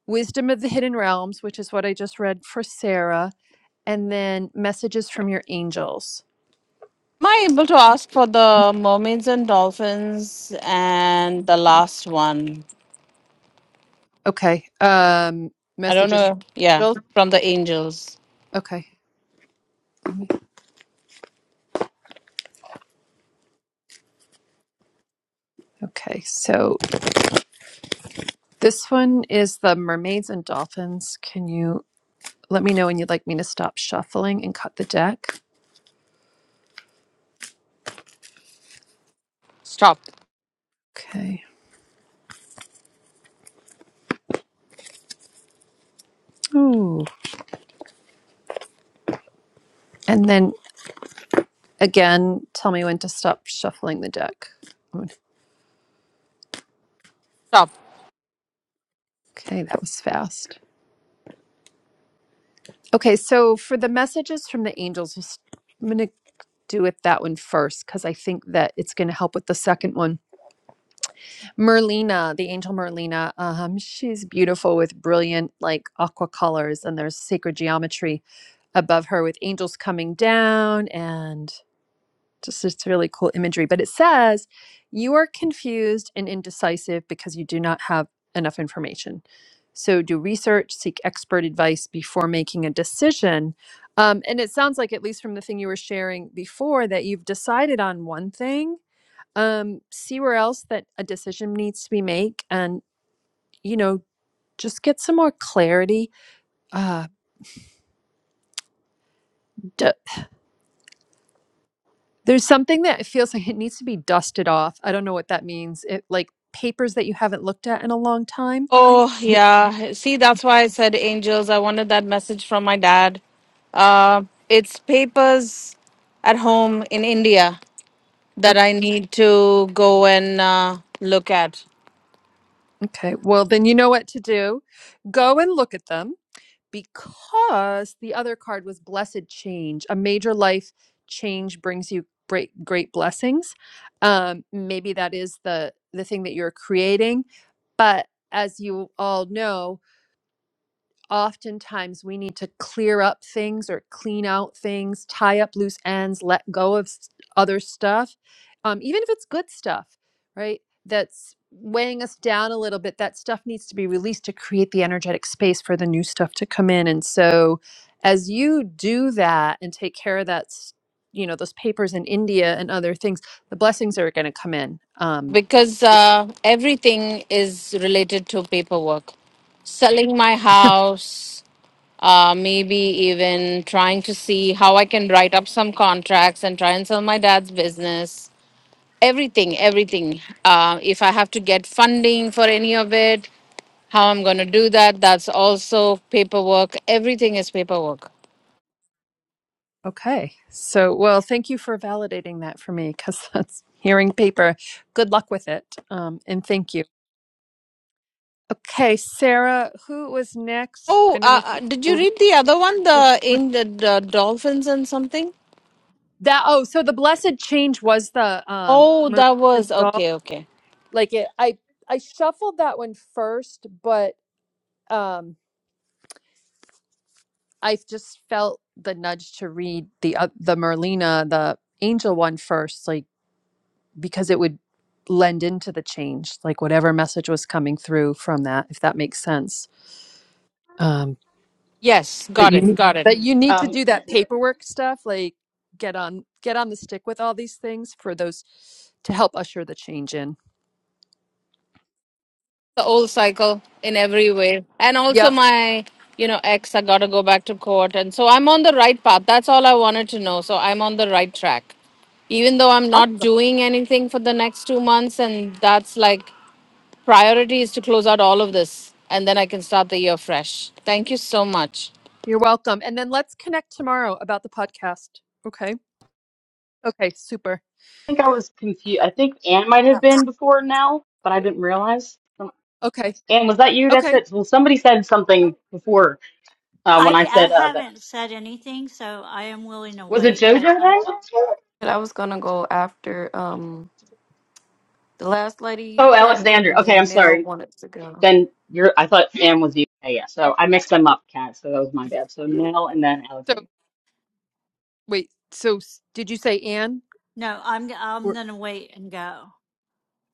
S1: Wisdom of the Hidden Realms, which is what I just read for Sarah and then messages from your angels.
S4: Am I able to ask for the mermaids and dolphins and the last one?
S1: Okay. Um,
S4: I don't
S1: messages from
S4: know. Yeah,
S1: angels.
S4: from the angels.
S1: Okay. Okay. So this one is the mermaids and dolphins. Can you let me know when you'd like me to stop shuffling and cut the deck?
S4: Stop.
S1: Okay. Ooh. And then again, tell me when to stop shuffling the deck.
S4: Stop.
S1: Okay, that was fast. Okay, so for the messages from the angels, I'm going to do it that one first because I think that it's going to help with the second one Merlina, the angel Merlina, um, she's beautiful with brilliant like aqua colors, and there's sacred geometry above her with angels coming down, and just it's really cool imagery. But it says, "You are confused and indecisive because you do not have enough information. So do research, seek expert advice before making a decision." Um, and it sounds like, at least from the thing you were sharing before, that you've decided on one thing um, see where else that a decision needs to be made, and you know, just get some more clarity. Uh, d- there's something that it feels like it needs to be dusted off. I don't know what that means. It like papers that you haven't looked at in a long time.
S4: Oh
S1: Yeah.
S4: yeah. See, that's why I said angels. I wanted that message from my dad. Uh, it's papers at home in India that
S1: Okay,
S4: I need to go and uh, look at.
S1: okay. Well, then you know what to do. Go and look at them because the other card was blessed change. A major life change brings you great great blessings. Um, maybe that is the the thing that you're creating But as you all know, oftentimes we need to clear up things or clean out things, tie up loose ends, let go of s- other stuff, um, even if it's good stuff, right? That's weighing us down a little bit. That stuff needs to be released to create the energetic space for the new stuff to come in. And so, as you do that and take care of that, s- you know, those papers in India and other things, the blessings are going to come in. Um,
S4: because uh, everything is related to paperwork. Selling my house, uh, maybe even trying to see how I can write up some contracts and try and sell my dad's business. Everything, everything. Uh, if I have to get funding for any of it, how I'm going to do that, that's also paperwork. Everything is paperwork.
S1: Okay. So, well, thank you for validating that for me because that's hearing paper. Good luck with it. Um, and thank you. Okay, Sarah, who was next? I
S4: Oh,
S1: don't
S4: uh,
S1: know
S4: uh,
S1: who
S4: did you
S1: were we.
S4: read the other one,
S1: were-
S4: the
S1: were-
S4: in the, the dolphins and something?
S1: that oh, so the blessed change was the um
S4: Oh,
S1: mermaids
S4: that
S1: and
S4: was
S1: doll.
S4: okay, okay.
S1: Like it, I I shuffled that one first, but um I just felt the nudge to read the uh, the Merlina the angel one first, like because it would lend into the change, like whatever message was coming through from that, if that makes sense. Um,
S4: Yes,
S1: but
S4: got it,
S1: you
S4: got it.
S1: but you need to
S3: Um,
S1: do
S3: I
S1: that paperwork stuff, like get on get on the stick with all these things for those to help usher the change in.
S4: the old cycle in every way and also
S1: Yep.
S4: my you know ex i gotta go back to court and so i'm on the right path that's all i wanted to know so i'm on the right track even though i'm not
S1: Awesome.
S4: doing anything for the next two months and that's like priority is to close out all of this and then i can start the year fresh thank you so much
S1: You're welcome. And then let's connect tomorrow about the podcast. Okay. Okay. Super.
S3: think I was confused. I think Anne might have been before now, but I didn't realize. Um,
S1: Okay.
S3: Anne, was that you? That's
S1: Okay.
S3: it. Well, somebody said something before uh,
S2: I,
S3: when
S2: di-
S3: I
S2: I
S3: said uh, that.
S2: haven't said anything, so I am willing to
S3: Was it
S2: wait,
S3: JoJo
S2: but I
S3: then?
S7: And I was gonna go after um the last lady
S3: Oh,
S7: that went,
S3: Alexandria.
S7: and
S3: Okay,
S7: then
S3: I'm
S7: Nell
S3: sorry.
S7: wanted to go.
S3: Then you're. I thought Sam was you. Yeah, yeah. So I mixed them up, Kat. So that was my bad. So Nell and then
S1: So
S3: Alexandria.
S1: wait. So s- did you say Anne?
S2: no, I'm
S1: Or
S2: I'm going to wait and go.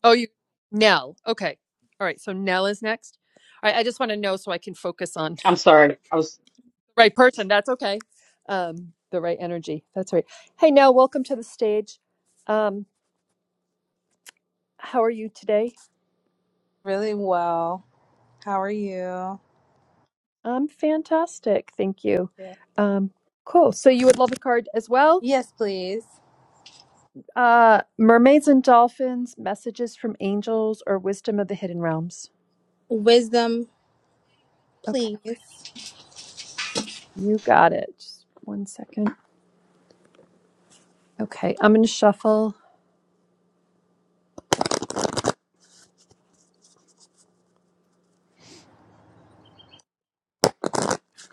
S1: Oh, you Nell. Okay. All right. So Nell is next. All right. I just want to know so I can focus on the
S3: I'm sorry. I was.
S1: right person. That's okay. Um, the right energy. That's right. Hey, Nell. Welcome to the stage. Um, how are you today?
S6: Really well. How are you?
S1: I'm fantastic. Thank you.
S6: Good.
S1: Um, cool. So you would love a card as well.
S6: Yes, please.
S1: Uh, mermaids and dolphins, messages from angels, or wisdom of the hidden realms.
S6: Wisdom,
S1: Okay.
S6: please.
S1: You got it. Just one second. Okay. I'm going to shuffle.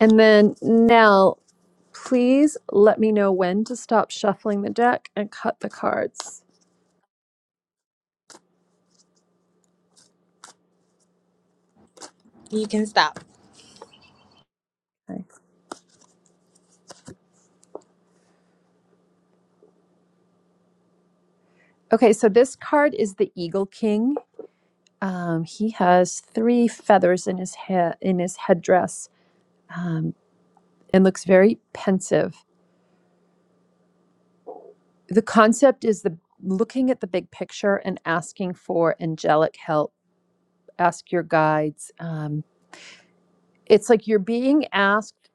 S1: And then Nell. Please let me know when to stop shuffling the deck and cut the cards.
S6: You can stop.
S1: Okay, Okay, so this card is the Eagle King. Um, he has three feathers in his head in his headdress um, and looks very pensive. The concept is the looking at the big picture and asking for angelic help. Ask your guides. Um, it's like you're being asked.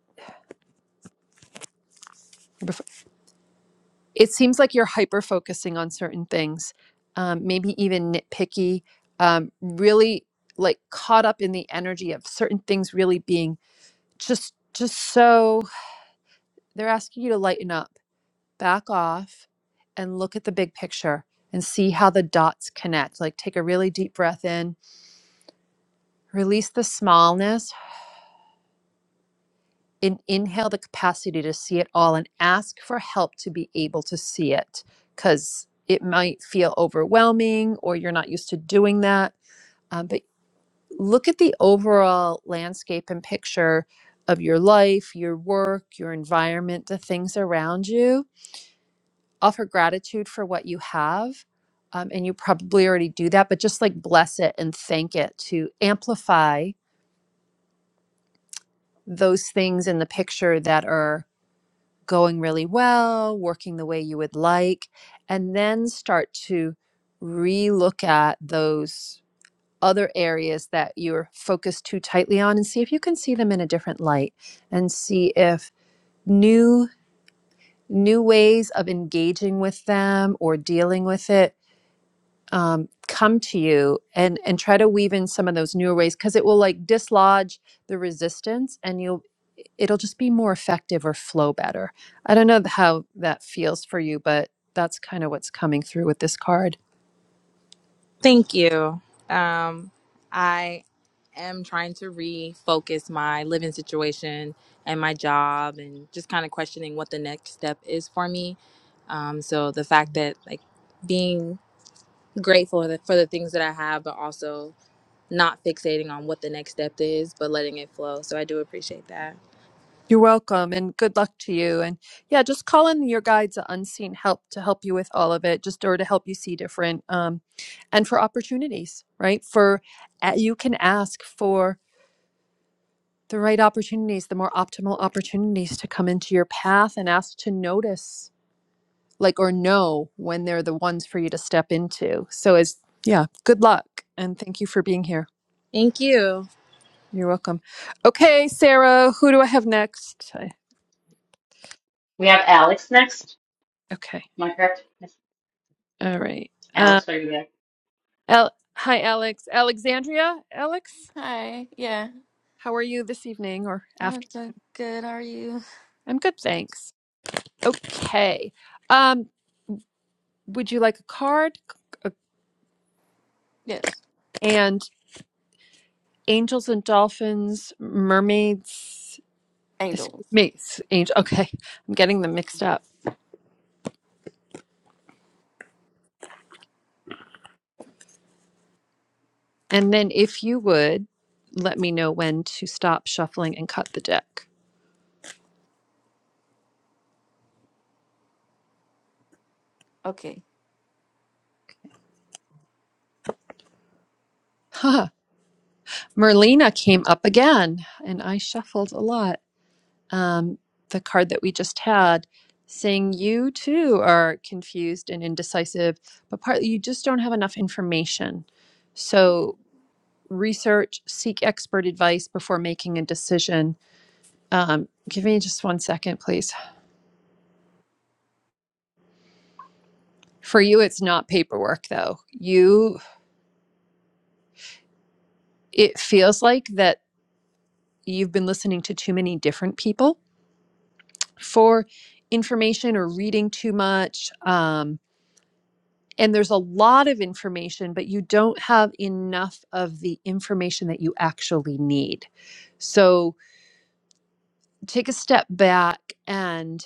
S1: it seems like you're hyper focusing on certain things, um, maybe even nitpicky, um, really like caught up in the energy of certain things really being just just so they're asking you to lighten up, back off, and look at the big picture and see how the dots connect. Like take a really deep breath in, release the smallness, and inhale the capacity to see it all and ask for help to be able to see it because it might feel overwhelming or you're not used to doing that. Um, but look at the overall landscape and picture of your life, your work, your environment, the things around you. Offer gratitude for what you have. Um, and you probably already do that, but just like bless it and thank it to amplify those things in the picture that are going really well, working the way you would like, and then start to relook at those other areas that you're focused too tightly on and see if you can see them in a different light and see if new new ways of engaging with them or dealing with it um, come to you and and try to weave in some of those newer ways because it will like dislodge the resistance and you'll it'll just be more effective or flow better i don't know how that feels for you but that's kind of what's coming through with this card
S6: Thank you. Um, I am trying to refocus my living situation and my job, and just kind of questioning what the next step is for me. Um, so the fact that like being grateful for for the things that I have, but also not fixating on what the next step is, but letting it flow. So I do appreciate that.
S1: you're welcome and good luck to you and yeah just call in your guides at unseen help to help you with all of it just or to help you see different um, and for opportunities right for uh, you can ask for the right opportunities, the more optimal opportunities to come into your path and ask to notice, like, or know when they're the ones for you to step into. So, is yeah, good luck and thank you for being here.
S6: Thank you.
S1: You're welcome. Okay, Sarah, who do I have next? I,
S3: We have Alex next.
S1: okay,
S3: Am I correct? Yes.
S1: all right. Um,
S3: Alex, are you there?
S1: Al- hi, Alex. Alexandria, Alex,
S7: Hi, yeah,
S1: how are you this evening or
S7: I'm
S1: after?
S7: doing good. How are you?
S1: I'm good, thanks. Okay. Um, would you like a card?
S7: Yes,
S1: and angels and dolphins, mermaids.
S7: angels.
S1: Excuse me, s- angel. Okay, I'm getting them mixed up. And then, if you would, let me know when to stop shuffling and cut the deck.
S7: Okay.
S1: Huh. Merlina came up again, and I shuffled a lot. Um, the card that we just had, saying you too are confused and indecisive, but partly you just don't have enough information. So research, seek expert advice before making a decision Um, give me just one second, please. For you, it's not paperwork though. You, it feels like that you've been listening to too many different people for information or reading too much. Um, and there's a lot of information, but you don't have enough of the information that you actually need. So take a step back and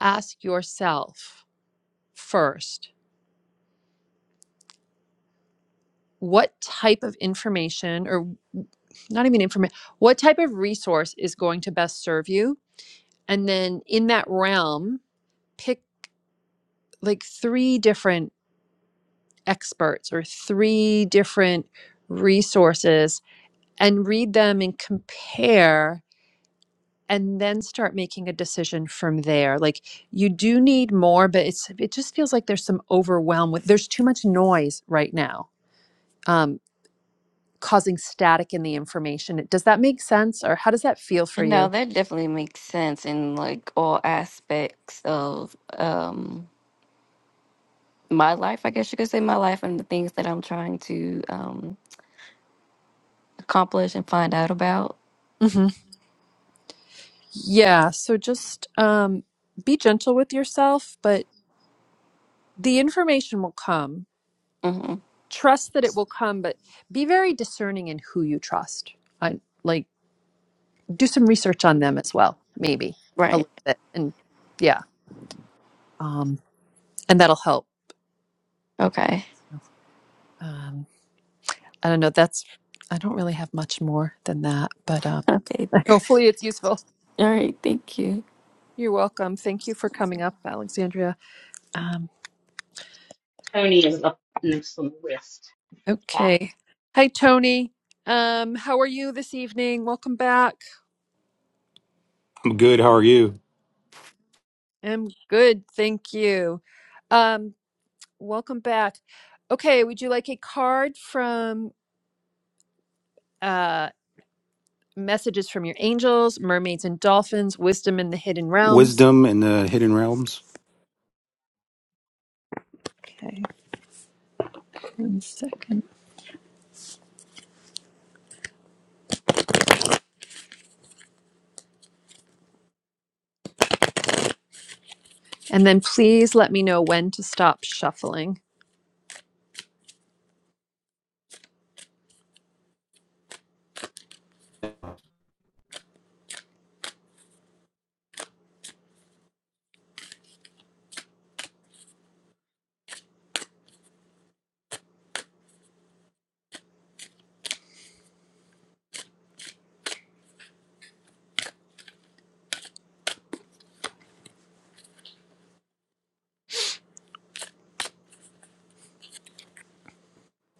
S1: ask yourself first what type of information or not even information what type of resource is going to best serve you and then in that realm pick like three different experts or three different resources and read them and compare and then start making a decision from there like you do need more but it's it just feels like there's some overwhelm with there's too much noise right now Um, causing static in the information. Does that make sense or how does that feel for
S7: No,
S1: you?
S7: that definitely makes sense in like all aspects of um my life. I guess you could say my life and the things that I'm trying to um accomplish and find out about.
S1: hmm Yeah. So just um, be gentle with yourself, but the information will come.
S7: hmm
S1: Trust that it will come, but be very discerning in who you trust. I, like, do some research on them as well, maybe a
S7: Right.
S1: little bit. And yeah, um, and that'll help.
S7: Okay.
S1: Um, I don't know. That's, I don't really have much more than that, but um,
S7: Okay.
S1: hopefully it's useful.
S7: All right. Thank you.
S1: You're welcome. Thank you for coming up, Alexandria. Um,
S3: Tony is up next on the list. Cat
S1: okay. Hi, Tony. Um, how are you this evening? Welcome back.
S8: I'm good. How are you?
S1: I'm good. Thank you. Um, welcome back. Okay. Would you like a card from uh, messages from your angels, mermaids and dolphins, wisdom in the hidden realms?
S8: Wisdom in the Hidden Realms.
S1: Okay. One second. And then please let me know when to stop shuffling.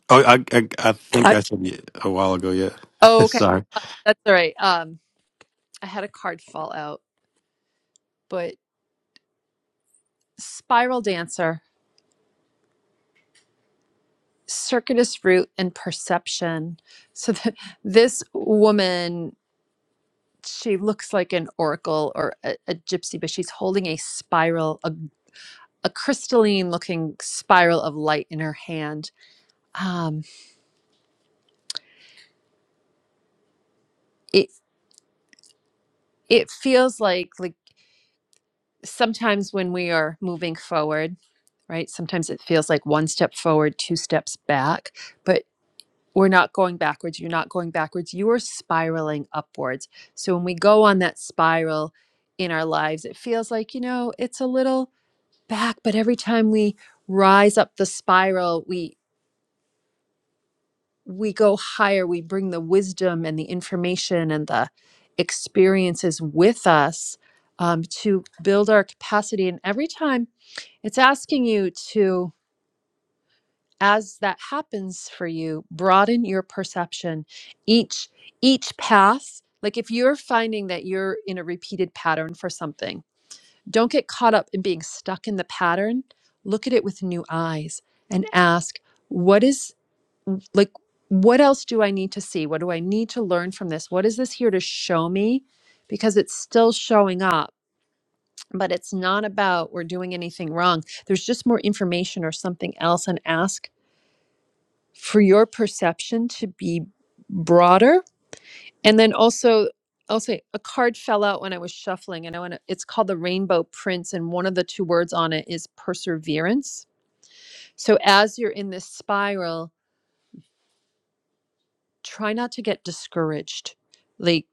S8: Oh, I I, I think
S1: I,
S8: I said it a while ago. Yeah.
S1: oh, okay.
S8: Sorry.
S1: That's all right. Um, I had a card fall out, but spiral dancer, circuitous route, and perception. So that this woman, she looks like an oracle or a, a gypsy, but she's holding a spiral, a, a crystalline looking spiral of light in her hand. Um, it it feels like like sometimes when we are moving forward, right? Sometimes it feels like one step forward, two steps back, but we're not going backwards. You're not going backwards. You are spiraling upwards. So when we go on that spiral in our lives, it feels like, you know, it's a little back, but every time we rise up the spiral, we we go higher. We bring the wisdom and the information and the experiences with us um, to build our capacity. And every time it's asking you to as that happens for you broaden your perception each each path like if you're finding that you're in a repeated pattern for something don't get caught up in being stuck in the pattern look at it with new eyes and ask what is like what else do i need to see what do i need to learn from this what is this here to show me because it's still showing up but it's not about we're doing anything wrong there's just more information or something else and ask for your perception to be broader. And then also, I'll say a card fell out when I was shuffling, and I want to, it's called the Rainbow Prince, and one of the two words on it is perseverance. So as you're in this spiral, try not to get discouraged. Like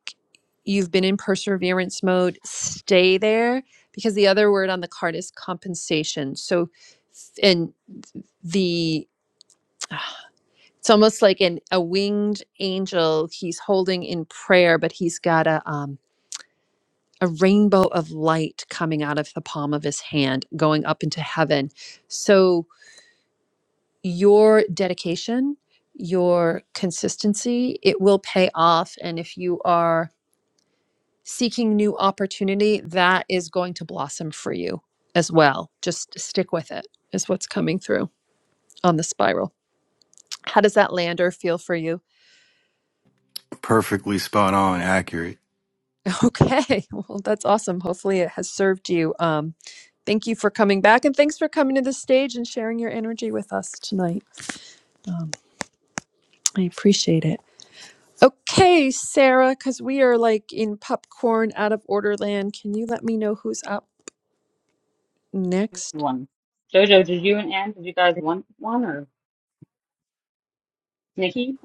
S1: you've been in perseverance mode, stay there because the other word on the card is compensation. So, and the It's almost like an a winged angel he's holding in prayer, but he's got a um a rainbow of light coming out of the palm of his hand going up into heaven. So your dedication, your consistency, it will pay off and if you are seeking new opportunity, that is going to blossom for you as well. Just stick with it. Is what's coming through on the spiral. How does that land or feel for you?
S8: Perfectly spot on, accurate.
S1: Okay. Well, that's awesome. Hopefully it has served you. Um, thank you for coming back and thanks for coming to the stage and sharing your energy with us tonight. Um, I appreciate it. Okay, Sarah, because we are like in popcorn out of order land, can you let me know who's up next?
S3: one. Jojo, did you and Anne? Did you guys want one or Nikki?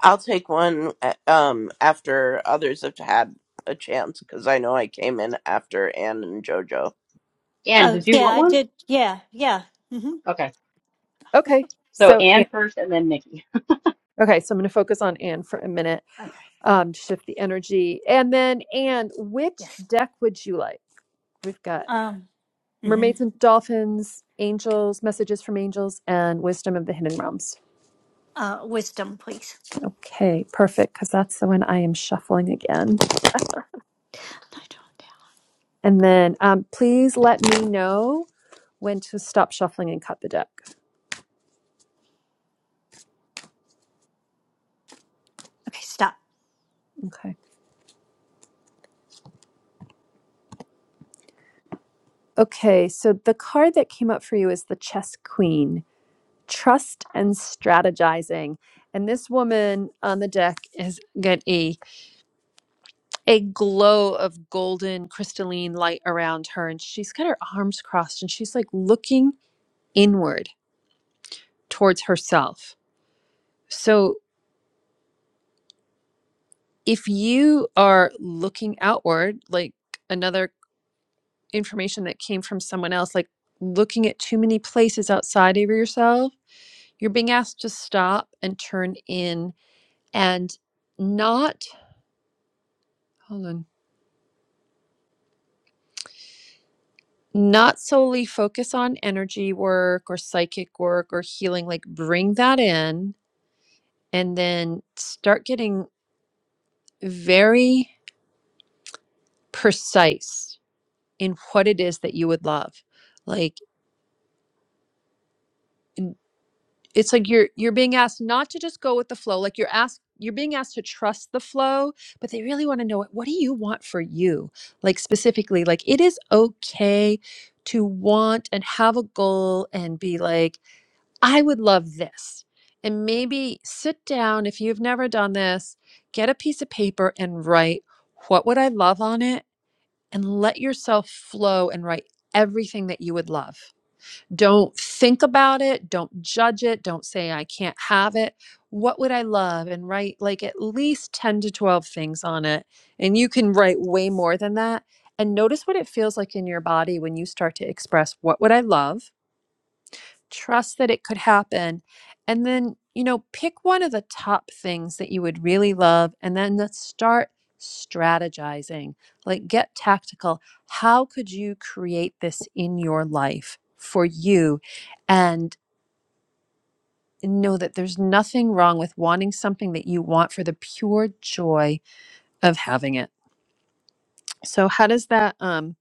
S9: I'll take one uh, um, after others have had a chance because I know I came in after Anne and JoJo.
S3: Anne,
S2: Oh,
S3: did you
S2: yeah,
S3: want
S2: I
S3: one?
S2: did. Yeah. Yeah. Mhm.
S3: Okay.
S1: Okay.
S3: So
S1: So,
S3: Anne
S1: Anne.
S3: first, and then Nikki.
S1: Okay, so I'm going to focus on Anne for a minute,
S2: Okay.
S1: um, to shift the energy. And then, Anne, which
S2: Yes.
S1: deck would you like? We've got
S2: Um mhm.
S1: Mermaids and Dolphins, Angels, Messages from Angels, and Wisdom of the Hidden Realms.
S2: Uh wisdom, please.
S1: Okay, perfect, because that's the one I am shuffling again.
S2: I don't.
S1: And then um, please let me know when to stop shuffling and cut the deck.
S2: Okay, stop.
S1: Okay. Okay, so the card that came up for you is the Chess Queen, Trust and Strategizing. And this woman on the deck has got a, a glow of golden crystalline light around her. And she's got her arms crossed and she's like looking inward towards herself. So if you are looking outward, like another information that came from someone else, like looking at too many places outside of yourself, you're being asked to stop and turn in and not, hold on, not solely focus on energy work or psychic work or healing, like bring that in and then start getting very precise in what it is that you would love like it's like you're you're being asked not to just go with the flow like you're asked you're being asked to trust the flow but they really want to know what what do you want for you like specifically like it is okay to want and have a goal and be like i would love this and maybe sit down if you've never done this get a piece of paper and write what would i love on it and let yourself flow and write everything that you would love Don't think about it. Don't judge it. Don't say, I can't have it. What would I love? And write like at least 10 to 12 things on it. And you can write way more than that. And notice what it feels like in your body when you start to express, What would I love? trust that it could happen and then you know pick one of the top things that you would really love and then let's start strategizing like get tactical how could you create this in your life for you and know that there's nothing wrong with wanting something that you want for the pure joy of having it so how does that um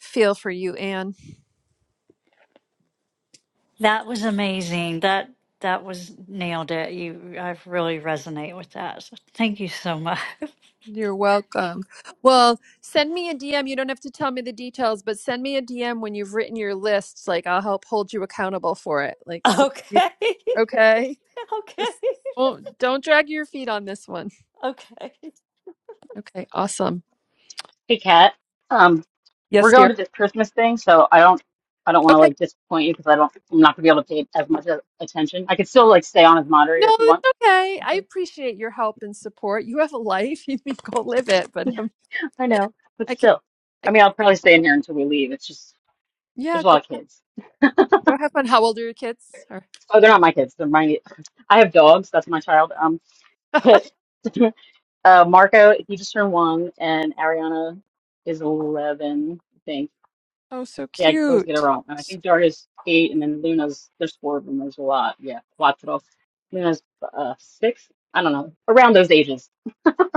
S1: feel for you anne
S2: That was amazing. That that was nailed it. You, I really resonate with that. So thank you so much.
S1: You're welcome. Well, send me a DM. You don't have to tell me the details, but send me a DM when you've written your lists. Like I'll help hold you accountable for it. Like so you
S2: Okay.
S1: okay?
S2: okay.
S1: Just don't don't drag your feet on this one.
S2: Okay.
S1: Okay, awesome.
S3: Hey, Kat. Um, We're
S1: Yes,
S3: going
S1: dear.
S3: to this Christmas thing, so I don't I don't want to
S1: Okay.
S3: like disappoint you because I don't I'm not gonna be able to pay as much a- attention. I could still like stay on as
S1: No,
S3: moderator if you
S1: it's
S3: want.
S1: okay. I appreciate your help and support. You have a life. You can go live it, but
S3: Yeah,
S1: um,
S3: I know, but
S1: I can
S3: still, I
S1: I,
S3: mean, I'll probably stay in here until we leave. It's just
S1: yeah,
S3: there's a
S1: go
S3: lot of kids.
S1: go have fun. How old are your kids? Or-
S3: Oh, they're not my kids. They're my I have dogs. That's my child. Um, but uh, Marco he just turned one, and Ariana is eleven, I think.
S1: Oh,
S3: So,
S1: so
S3: yeah, I always get it
S1: cute.
S3: wrong. And I
S1: So
S3: think Daria's eight, and then Luna's there's four of them. There's a lot. Yeah, cuatro. Luna's uh six. I don't know, around those ages.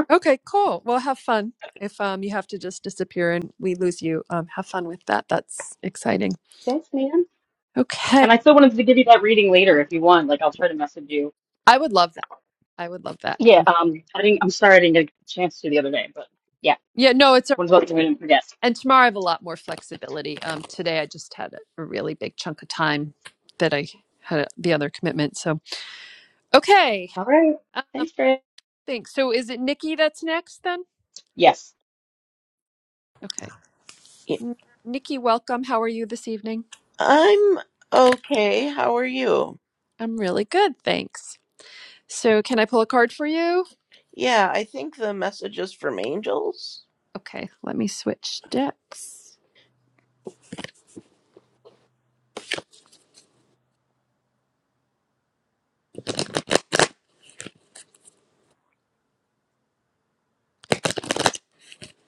S1: Okay, cool. Well, have fun. If um, you have to just disappear and we lose you, um, have fun with that. That's exciting.
S3: Thanks, man.
S1: Okay.
S3: And I still wanted to give you that reading later if you want. Like I'll try to message you.
S1: I would love that. I would love that.
S3: Yeah. Um. I didn't. I'm sorry I didn't get a chance to the other day, but yeah.
S1: Yeah, no, it's all right.
S3: What about you? I didn't forget.
S1: And tomorrow I have a lot more flexibility. Um, today I just had a, a really big chunk of time that I had a, the other commitment. So, okay.
S3: All right.
S1: Um,
S3: Thanks, Greg.
S1: thanks. So, is it Nikki that's next then?
S3: Yes.
S1: Okay.
S9: Y-
S1: N- Nikki, welcome. How are you this evening?
S9: I'm okay. How are you?
S1: I'm really good. Thanks. So, can I pull a card for you?
S9: Yeah, I think the message is from angels.
S1: Okay, let me switch decks.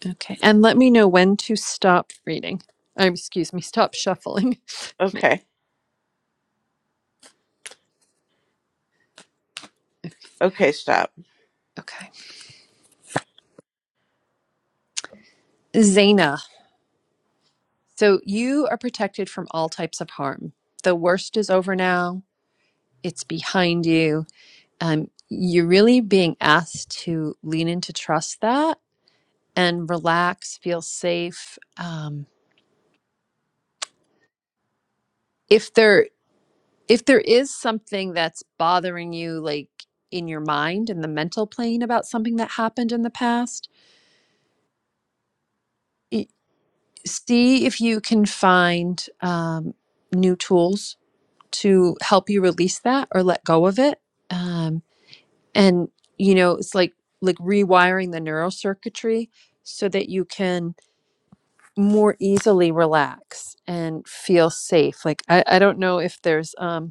S1: Okay, and let me know when to stop reading. Um, excuse me, stop shuffling. Ma-
S9: Okay. Okay, stop.
S1: Okay. Zaina, so you are protected from all types of harm. The worst is over now, it's behind you. Um, you're really being asked to lean into trust that and relax, feel safe. Um, if there if there is something that's bothering you like in your mind and the mental plane about something that happened in the past i- see if you can find um, new tools to help you release that or let go of it um, and you know it's like like rewiring the neural circuitry so that you can more easily relax and feel safe like i, I don't know if there's um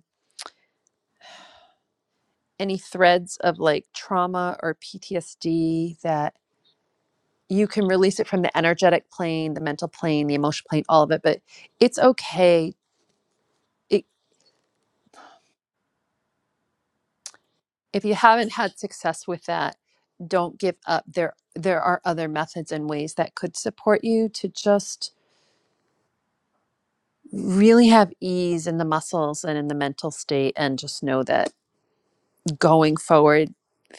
S1: any threads of like trauma or PTSD that you can release it from the energetic plane, the mental plane, the emotional plane, all of it. But it's okay. It, if you haven't had success with that, don't give up. There, there are other methods and ways that could support you to just really have ease in the muscles and in the mental state, and just know that going forward,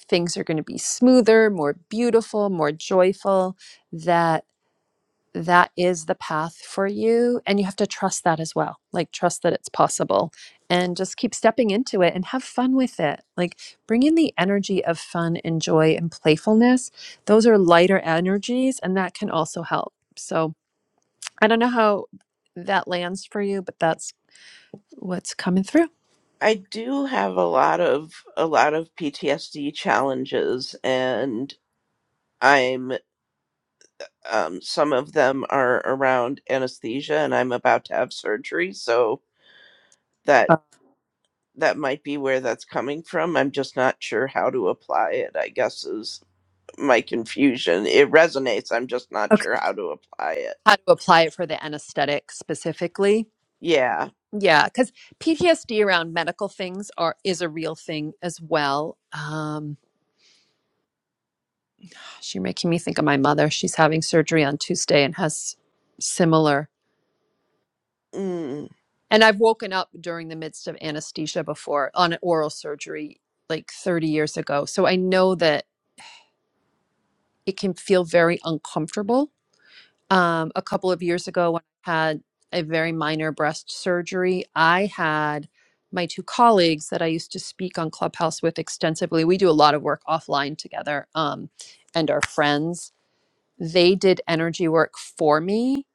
S1: things are going to be smoother, more beautiful, more joyful. That that is the path for you and you have to trust that as well like trust that it's possible and just keep stepping into it and have fun with it like bring in the energy of fun and joy and playfulness those are lighter energies and that can also help so i don't know how that lands for you but that's what's coming through
S9: I do have a lot of a lot of PTSD challenges and I'm um some of them are around anesthesia and I'm about to have surgery, so that
S1: Uh,
S9: that might be where that's coming from. I'm just not sure how to apply it, I guess is my confusion. It resonates. I'm just not
S1: okay
S9: sure how to apply it.
S1: how to apply it for the anesthetic specifically
S9: Yeah.
S1: yeah because ptsd around medical things are is a real thing as well um You're making me think of my mother. She's having surgery on Tuesday and has similar.
S9: Mm,
S1: And I've woken up during the midst of anesthesia before on an oral surgery like 30 years ago. So I know that it can feel very uncomfortable. Um, a couple of years ago, when I had a very minor breast surgery, I had my two colleagues that I used to speak on Clubhouse with extensively. We do a lot of work offline together um, and are friends. They did energy work for me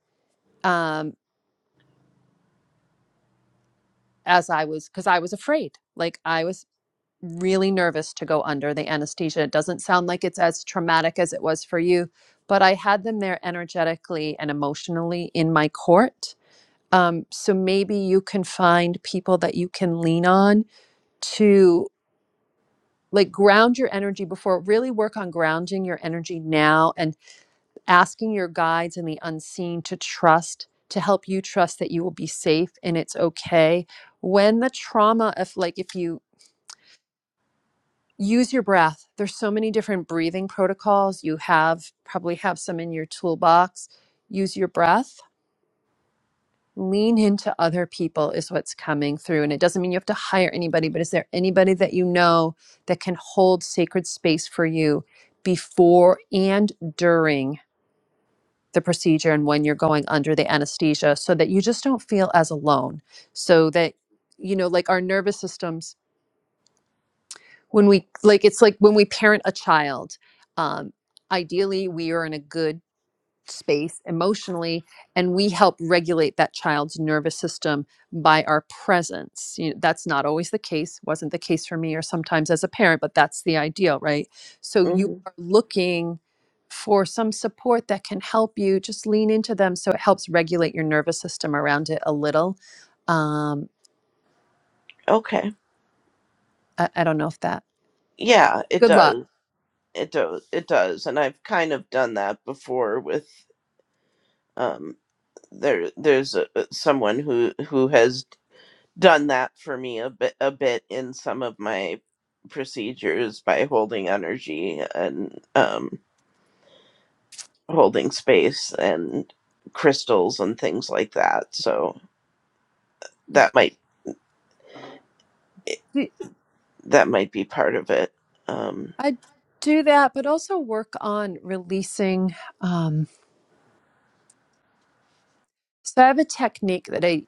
S1: Um, as I was, because I was afraid. Like I was really nervous to go under the anesthesia. It doesn't sound like it's as traumatic as it was for you, but I had them there energetically and emotionally in my court. Um, so maybe you can find people that you can lean on to like ground your energy before really work on grounding your energy now and asking your guides and the unseen to trust to help you trust that you will be safe and it's okay when the trauma of like if you use your breath there's so many different breathing protocols you have probably have some in your toolbox use your breath lean into other people is what's coming through and it doesn't mean you have to hire anybody but is there anybody that you know that can hold sacred space for you before and during the procedure and when you're going under the anesthesia so that you just don't feel as alone so that you know like our nervous systems when we like it's like when we parent a child um, ideally we are in a good space emotionally and we help regulate that child's nervous system by our presence you know, that's not always the case wasn't the case for me or sometimes as a parent but that's the ideal right so you
S9: hmm
S1: are looking for some support that can help you just lean into them so it helps regulate your nervous system around it a little um,
S9: Okay.
S1: I, I don't know if that
S9: Yeah, it
S1: good luck
S9: does. It does. It does. And I've kind of done that before with um there there's a, uh, someone who who has done that for me a bit a bit in some of my procedures by holding energy and um holding space and crystals and things like that. So that might eh, that might be part of it. Um,
S1: I do that, but also work on releasing. Um, so I have a technique that I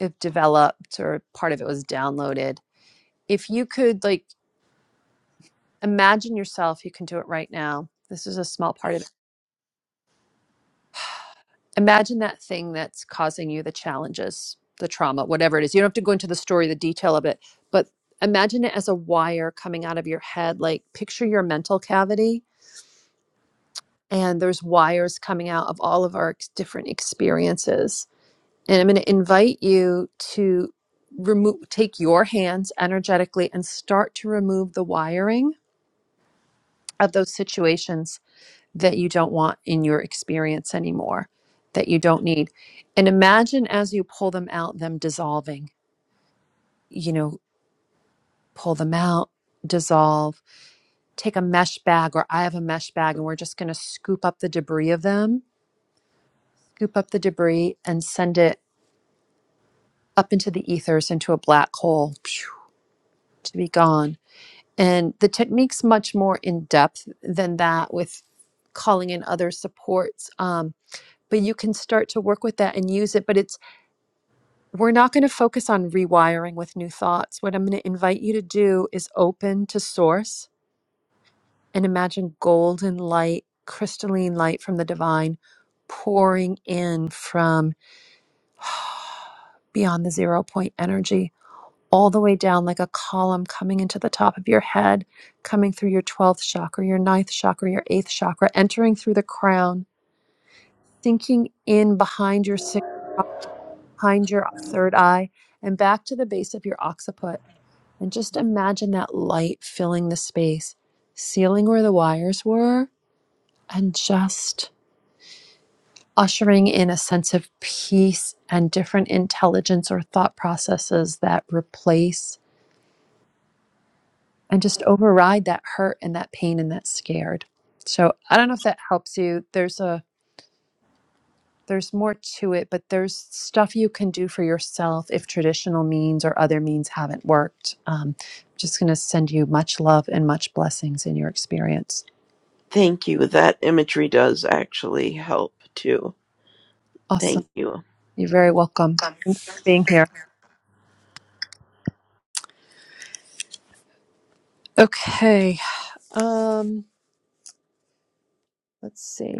S1: have developed, or part of it was downloaded. If you could, like, imagine yourself, you can do it right now. This is a small part of it. Imagine that thing that's causing you the challenges, the trauma, whatever it is. You don't have to go into the story, the detail of it, but imagine it as a wire coming out of your head. Like, picture your mental cavity, and there's wires coming out of all of our ex- different experiences And I'm going to invite you to remove take your hands energetically and start to remove the wiring of those situations that you don't want in your experience anymore that you don't need. And imagine as you pull them out them dissolving. You know, pull them out, dissolve. Take a mesh bag or I have a mesh bag and we're just going to scoop up the debris of them. Scoop up the debris and send it up into the ethers into a black hole phew, to be gone And the technique's much more in depth than that with calling in other supports. Um, but you can start to work with that and use it. But it's we're not going to focus on rewiring with new thoughts. What I'm going to invite you to do is open to source and imagine golden light, crystalline light from the divine pouring in from beyond the zero point energy all the way down like a column coming into the top of your head, coming through your 12th chakra, your ninth chakra, your 8th chakra, entering through the crown, sinking in behind your sixth, behind your third eye, and back to the base of your occiput. And just imagine that light filling the space, sealing where the wires were, and just ushering in a sense of peace and different intelligence or thought processes that replace and just override that hurt and that pain and that scared. So I don't know if that helps you. There's a there's more to it, but there's stuff you can do for yourself if traditional means or other means haven't worked. Um, just going to send you much love and much blessings in your experience.
S9: thank you. That imagery does actually help too.
S1: Awesome.
S9: Thank you.
S1: You're very welcome. Thanks for being here. Okay. Um, let's see.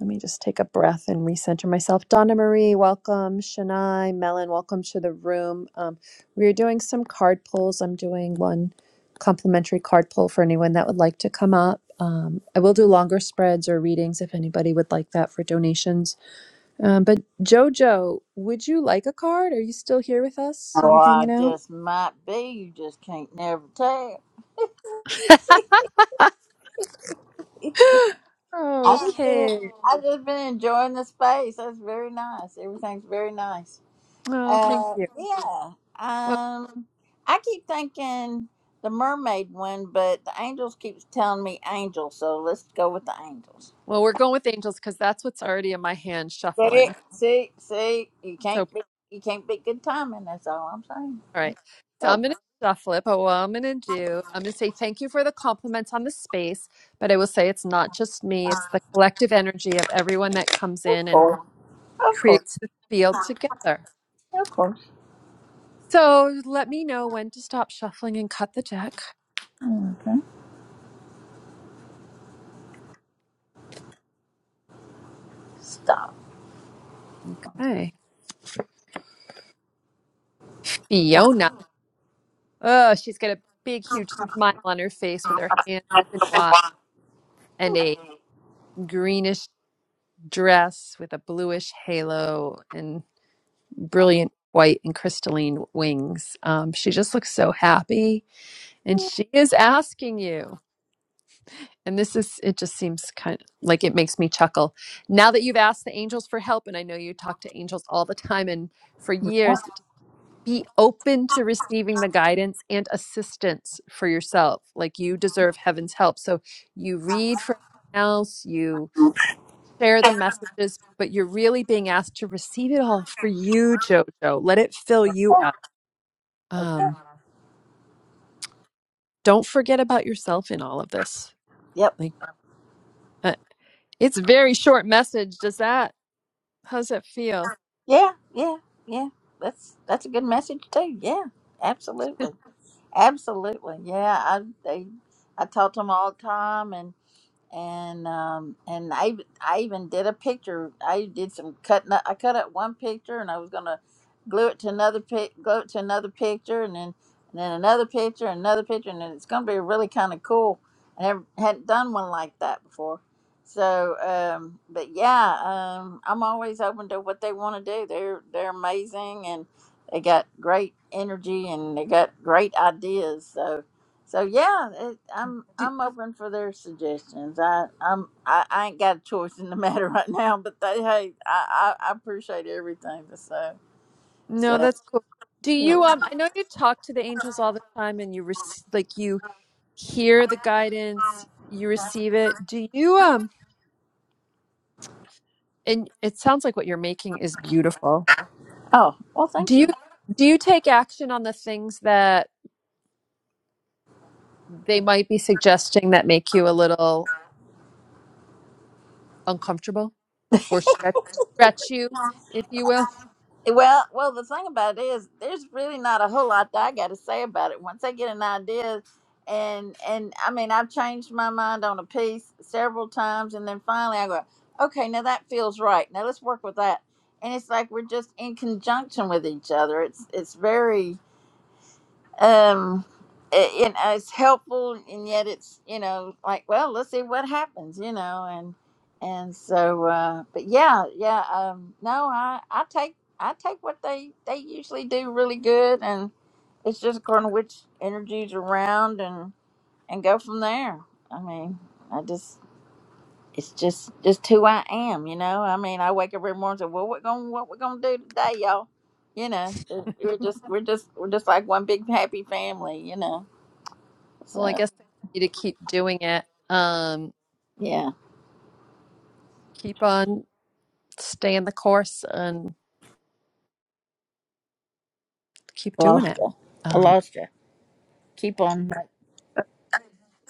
S1: Let me just take a breath and recenter myself. Donna Marie, welcome. Shania, Melon, welcome to the room. Um, we are doing some card pulls. I'm doing one complimentary card pull for anyone that would like to come up. Um, I will do longer spreads or readings if anybody would like that for donations. Um, but Jojo, would you like a card? Are you still here with us? Are
S5: Oh,
S1: you
S5: I
S1: hanging out?
S5: just might be. You just can't never tell. I just been.
S1: okay.
S5: I just been enjoying the space. That's very nice. Everything's very nice.
S1: Oh, thank
S5: Uh,
S1: you.
S5: yeah.
S1: Well,
S5: Um, I keep thinking the mermaid one, but the angels keeps telling me angel, so let's go with the angels.
S1: well, we're going with angels because that's what's already in my hand
S5: But it,
S1: shuffling.
S5: see, see, you
S1: So.
S5: can't be, you can't be good timing. That's all I'm saying.
S1: All right.
S5: That's-
S1: So I'm
S5: Oh,
S1: going to shuffle it, but what I'm going to do, I'm going to say thank you for the compliments on the space, but I will say it's not just me, it's the collective energy of everyone that comes
S5: of
S1: in and
S5: course, of course,
S1: creates the field together.
S5: of course.
S1: So let me know when to stop shuffling and cut the deck.
S5: Okay, stop.
S1: Okay. Fiona. Oh, she's got a big, huge smile on her face with
S5: Oh,
S1: her hands open wide and a greenish dress with a bluish halo. and. brilliant white and crystalline wings. Um, she just looks so happy, and she is asking you. And this is, it just seems kind of like it makes me chuckle. Now that you've asked the angels for help, and I know you talk to angels all the time and for years, be open to receiving the guidance and assistance for yourself. Like you deserve heaven's help. So you read for everyone else, you share the messages, but you're really being asked to receive it all for you,
S5: okay.
S1: JoJo. Let it fill you up um, don't forget about yourself in all of this.
S5: Yep.
S1: Like, uh, it's a very short message. Does that, how's that feel?
S5: Yeah. Yeah. Yeah. That's that's a good message too. Yeah. Absolutely. Absolutely. Yeah. I they I talk to them all the time and and um and I I even did a picture. I did some cutting. up- I cut up one picture, and I was gonna glue it to another pic, glue it to another picture, and then and then another picture, another picture, and then it's gonna be really kind of cool. I never, hadn't done one like that before. So, um, but yeah, um, I'm always open to what they want to do. They're they're amazing, and they got great energy, and they got great ideas. so. So yeah, it, I'm
S1: Do,
S5: I'm open for their suggestions. I I'm I, I ain't got a choice in the matter right now, but they hey, I, I, I appreciate everything they say.
S1: no,
S5: so
S1: that's cool. Do
S5: yeah.
S1: you, um, I know you talk to the angels all the time and you, rec- like, you hear the guidance, you receive it. Do you, um, and it sounds like what you're making is beautiful.
S5: Oh well,
S1: Do
S5: thank
S1: you,
S5: you.
S1: do you take action on the things that they might be suggesting that make you a little uncomfortable or stretch, stretch you, if you will?
S5: Well, well, the thing about it is, there's really not a whole lot that I got to say about it. Once I get an idea, and and I mean, I've changed my mind on a piece several times, and then finally I go, okay, now that feels right. Now let's work with that. And it's like we're just in conjunction with each other. It's it's very um it, you know it's helpful and yet it's you know like well let's see what happens you know and and so uh but yeah yeah um no i i take i take what they they usually do really good and it's just according to which energy's around and and go from there i mean i just it's just just who I am, you know. I mean, I wake up every morning and say, "Well, what going what we're gonna do today, y'all?" You know, we're just we're just we're just like one big happy family, you know.
S1: Well, I
S5: So
S1: guess they want you to keep doing it. Um,
S5: yeah,
S1: keep on staying the course and keep
S5: I
S1: doing
S5: lost
S1: it.
S5: you. I
S1: Um,
S5: lost you. Keep on.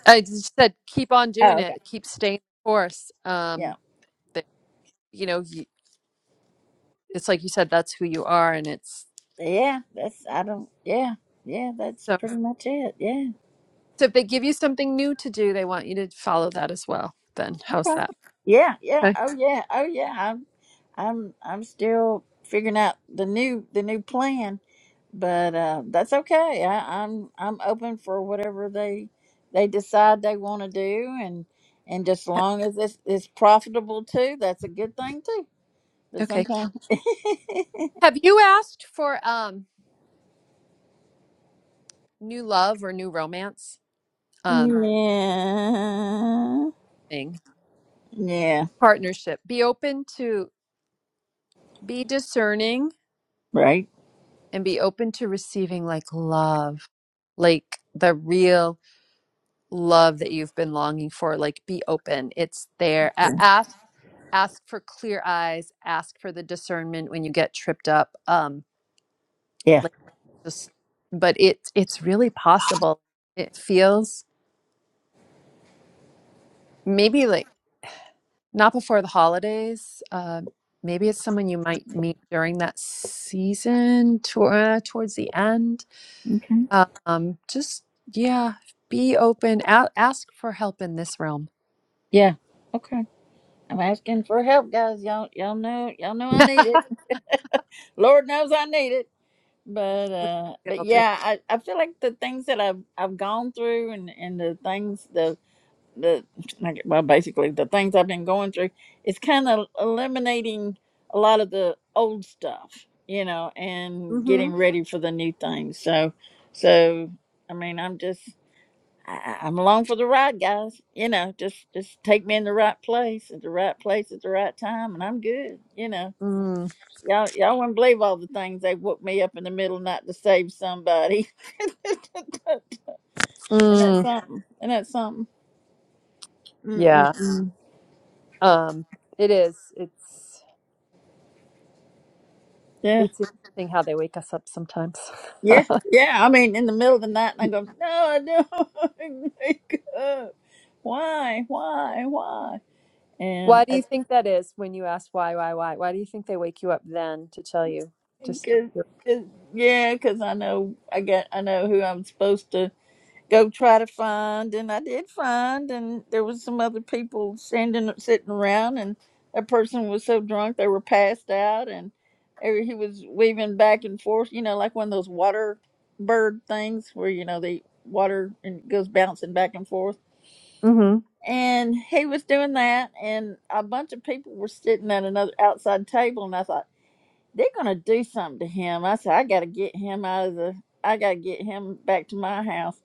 S1: I just said keep on
S5: Oh,
S1: doing
S5: okay.
S1: it. Keep staying the course. Um,
S5: Yeah,
S1: that, you know, you, it's like you said, that's who you are, and it's
S5: yeah. That's I don't. Yeah, yeah. That's
S1: so.
S5: pretty much it. Yeah,
S1: So if they give you something new to do, they want you to follow that as well. Then how's that?
S5: yeah, yeah.
S1: Okay.
S5: Oh yeah, oh yeah. I'm I'm I'm still figuring out the new the new plan but uh, that's okay. I, I'm I'm open for whatever they they decide they want to do, and and just as
S1: Ha-
S5: long as it's it's profitable too, that's a good thing too. But
S1: Okay.
S5: sometimes,
S1: Have you asked for um new love or new romance um
S5: yeah,
S1: thing
S5: yeah,
S1: partnership? Be open to be discerning
S5: right,
S1: and be open to receiving like love, like the real love that you've been longing for. Like be open. It's there. A- Ask ask for clear eyes, ask for the discernment when you get tripped up. Um
S5: yeah,
S1: like just but it it's really possible. It feels maybe like not before the holidays. Uh, maybe it's someone you might meet during that season to, uh, towards the end
S5: okay,
S1: Um, just yeah, be open. A- ask for help in this realm.
S5: yeah, okay. I'm asking for help, guys. Y'all y'all know y'all know I need it. Lord knows I need it. But uh, but
S1: It'll do.
S5: yeah, I, I feel like the things that I've I've gone through and and the things the the like, well basically the things i've been going through it's kind of eliminating a lot of the old stuff you know and
S1: Mm-hmm.
S5: getting ready for the new things so so i mean i'm just I, I- i'm along for the ride guys you know just just take me in the right place at the right place at the right time and i'm good you know
S1: Mm,
S5: Y'all, y'all wouldn't believe all the things they woke me up in the middle of the night to save somebody. and that's
S1: mm,
S5: something. And that's something.
S1: yeah.
S5: Mm-mm-mm.
S1: Um, it is. It's
S5: Yeah.
S1: it's interesting how they wake us up sometimes.
S5: Yeah, yeah. I mean, in the middle of the night, and I go, no, I don't wake up. Why, why, why? And
S1: Why do
S5: I,
S1: you think that is when you ask why, why, why? Why do you think they wake you up then to tell you? Just
S5: cause, cause, yeah, because I know I got, I know who I'm supposed to go try to find, and I did find, and there was some other people standing, sitting around, and that person was so drunk they were passed out, and every- he was weaving back and forth, you know, like one of those water bird things where you know they water and it goes bouncing back and forth
S1: Mm-hmm.
S5: and he was doing that and a bunch of people were sitting at another outside table and i thought they're gonna do something to him i said i gotta get him out of the i gotta get him back to my house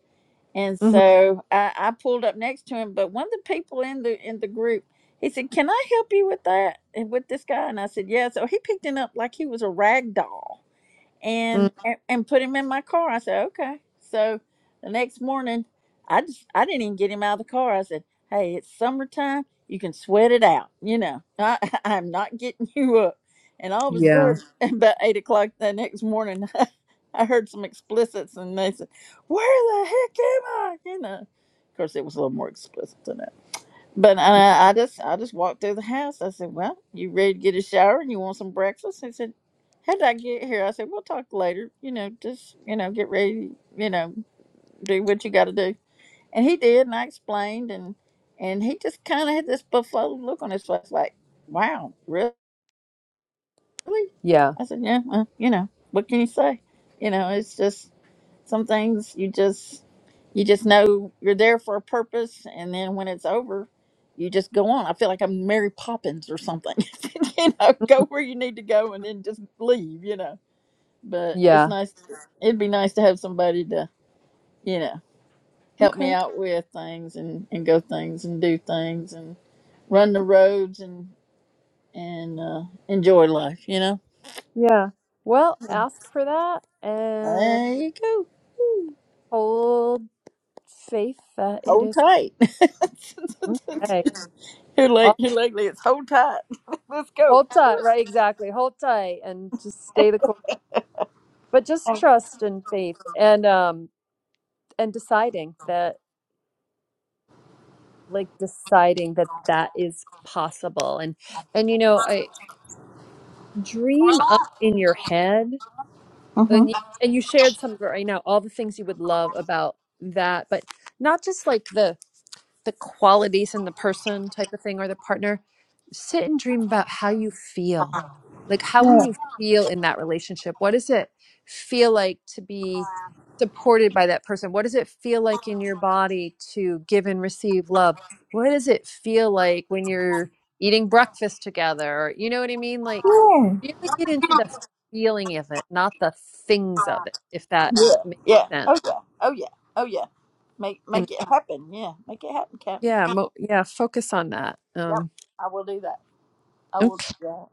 S5: and
S1: Mm-hmm.
S5: so i, I pulled up next to him but one of the people in the in the group he said can i help you with that and with this guy and i said yeah so he picked him up like he was a rag doll and and, and put him in my car. I said, okay. So the next morning, I just I didn't even get him out of the car. I said, hey, it's summertime. You can sweat it out. You know, I, I'm not getting you up. And all of a
S1: Yeah.
S5: sudden, about eight o'clock the next morning, I heard some explicits, and they said, "Where the heck am I?" You know, of course, it was a little more explicit than that. But uh, I just I just walked through the house. I said, "Well, you ready to get a shower and you want some breakfast?" He said, "How did I get here?" I said, "We'll talk later. You know, just you know, get ready. You know, do what you got to do." And he did, and I explained, and and he just kind of had this befuddled look on his face, like, "Wow, really?"
S1: Yeah.
S5: I said, "Yeah, well, you know, what can you say? You know, it's just." Some things you just you just know you're there for a purpose, and then when it's over, you just go on. I feel like I'm Mary Poppins or something. you know, go
S1: Mhm.
S5: where you need to go, and then just leave. You know, but it's
S1: Yeah.
S5: nice. It'd be nice to have somebody to you know help me
S1: Okay.
S5: out with things and and go things and do things and run the roads and and uh, enjoy life. You know,
S1: Yeah. Well, ask for that and
S5: there you go.
S1: hold faith that it
S5: Hold
S1: is
S5: tight.
S1: okay.
S5: Here, leg,
S1: I'll-
S5: here, leg, let's hold tight. Let's go.
S1: Hold tight, right? Exactly. Hold tight and just stay the course. But just trust and faith and um and deciding that like deciding that that is possible and and you know, I dream up in your head
S5: Mm-hmm.
S1: and you, and you shared some of it right now all the things you would love about that, but not just like the the qualities in the person type of thing or the partner sit and dream about how you feel like how will
S5: Yeah.
S1: you feel in that relationship what does it feel like to be supported by that person what does it feel like in your body to give and receive love what does it feel like when you're eating breakfast together you know what i mean like really get into the feeling of it not the things of it if that
S5: Yeah. Yeah.
S1: makes
S5: Yeah.
S1: sense
S5: Oh yeah. Oh yeah. Oh yeah. Make
S1: and
S5: make it happen. Yeah. Make it happen, Captain.
S1: yeah mo- yeah focus on that
S5: Yep.
S1: um
S5: I will do that. I
S1: okay.
S5: will do that.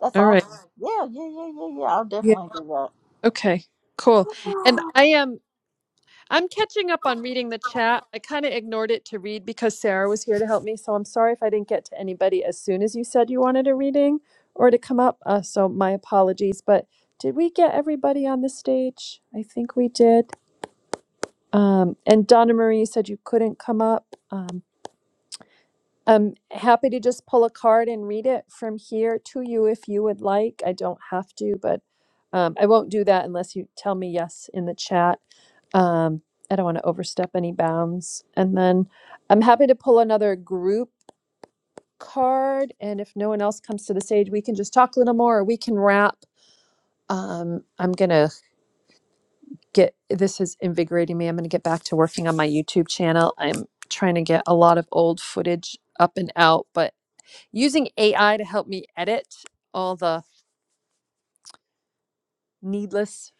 S5: That's
S1: All right.
S5: awesome. Yeah. Yeah. Yeah. Yeah. Yeah. I'll
S1: Yeah.
S5: definitely do
S1: Okay. Cool.
S5: that.
S1: And I am I'm catching up on reading the chat. I kind of ignored it to read because Sarah was here to help me, so I'm sorry if I didn't get to anybody as soon as you said you wanted a reading or to come up. Uh, so my apologies, but did we get everybody on the stage? I think we did. Um, and Donna Marie said you couldn't come up. Um, I'm happy to just pull a card and read it from here to you if you would like. I don't have to, but um, I won't do that unless you tell me yes in the chat. Um, I don't want to overstep any bounds. And then I'm happy to pull another group card. And if no one else comes to the stage, we can just talk a little more or we can wrap. Um, I'm going to get this is invigorating me. I'm going to get back to working on my YouTube channel. I'm trying to get a lot of old footage up and out, but using AI to help me edit all the needless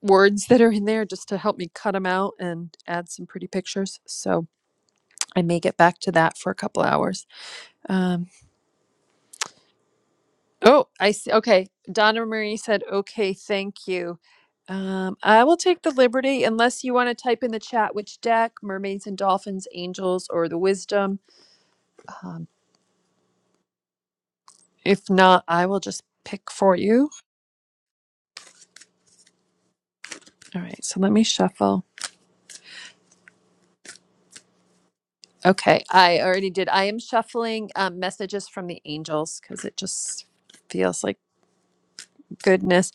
S1: words that are in there just to help me cut them out and add some pretty pictures. So I may get back to that for a couple hours. Um, oh, I see. Okay. Donna Marie said, okay, thank you. Um, I will take the liberty, unless you want to type in the chat which deck, mermaids and dolphins, angels, or the wisdom. Um, if not, I will just pick for you. All right. So let me shuffle. Okay, I already did. I am shuffling um, messages from the angels because it just feels like goodness.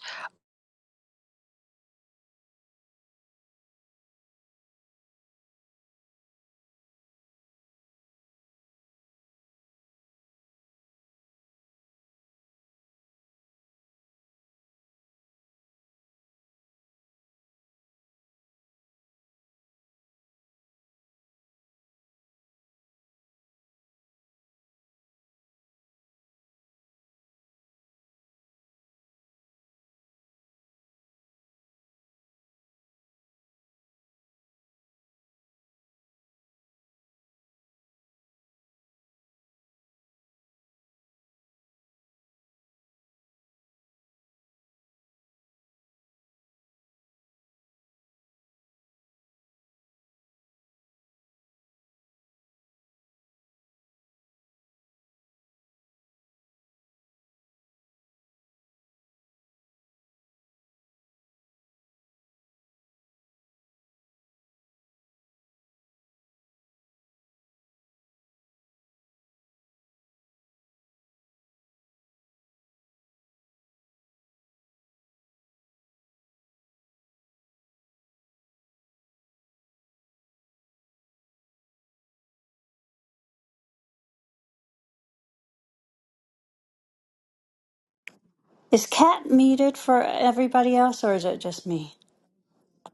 S2: Is cat muted for everybody else, or is it just me?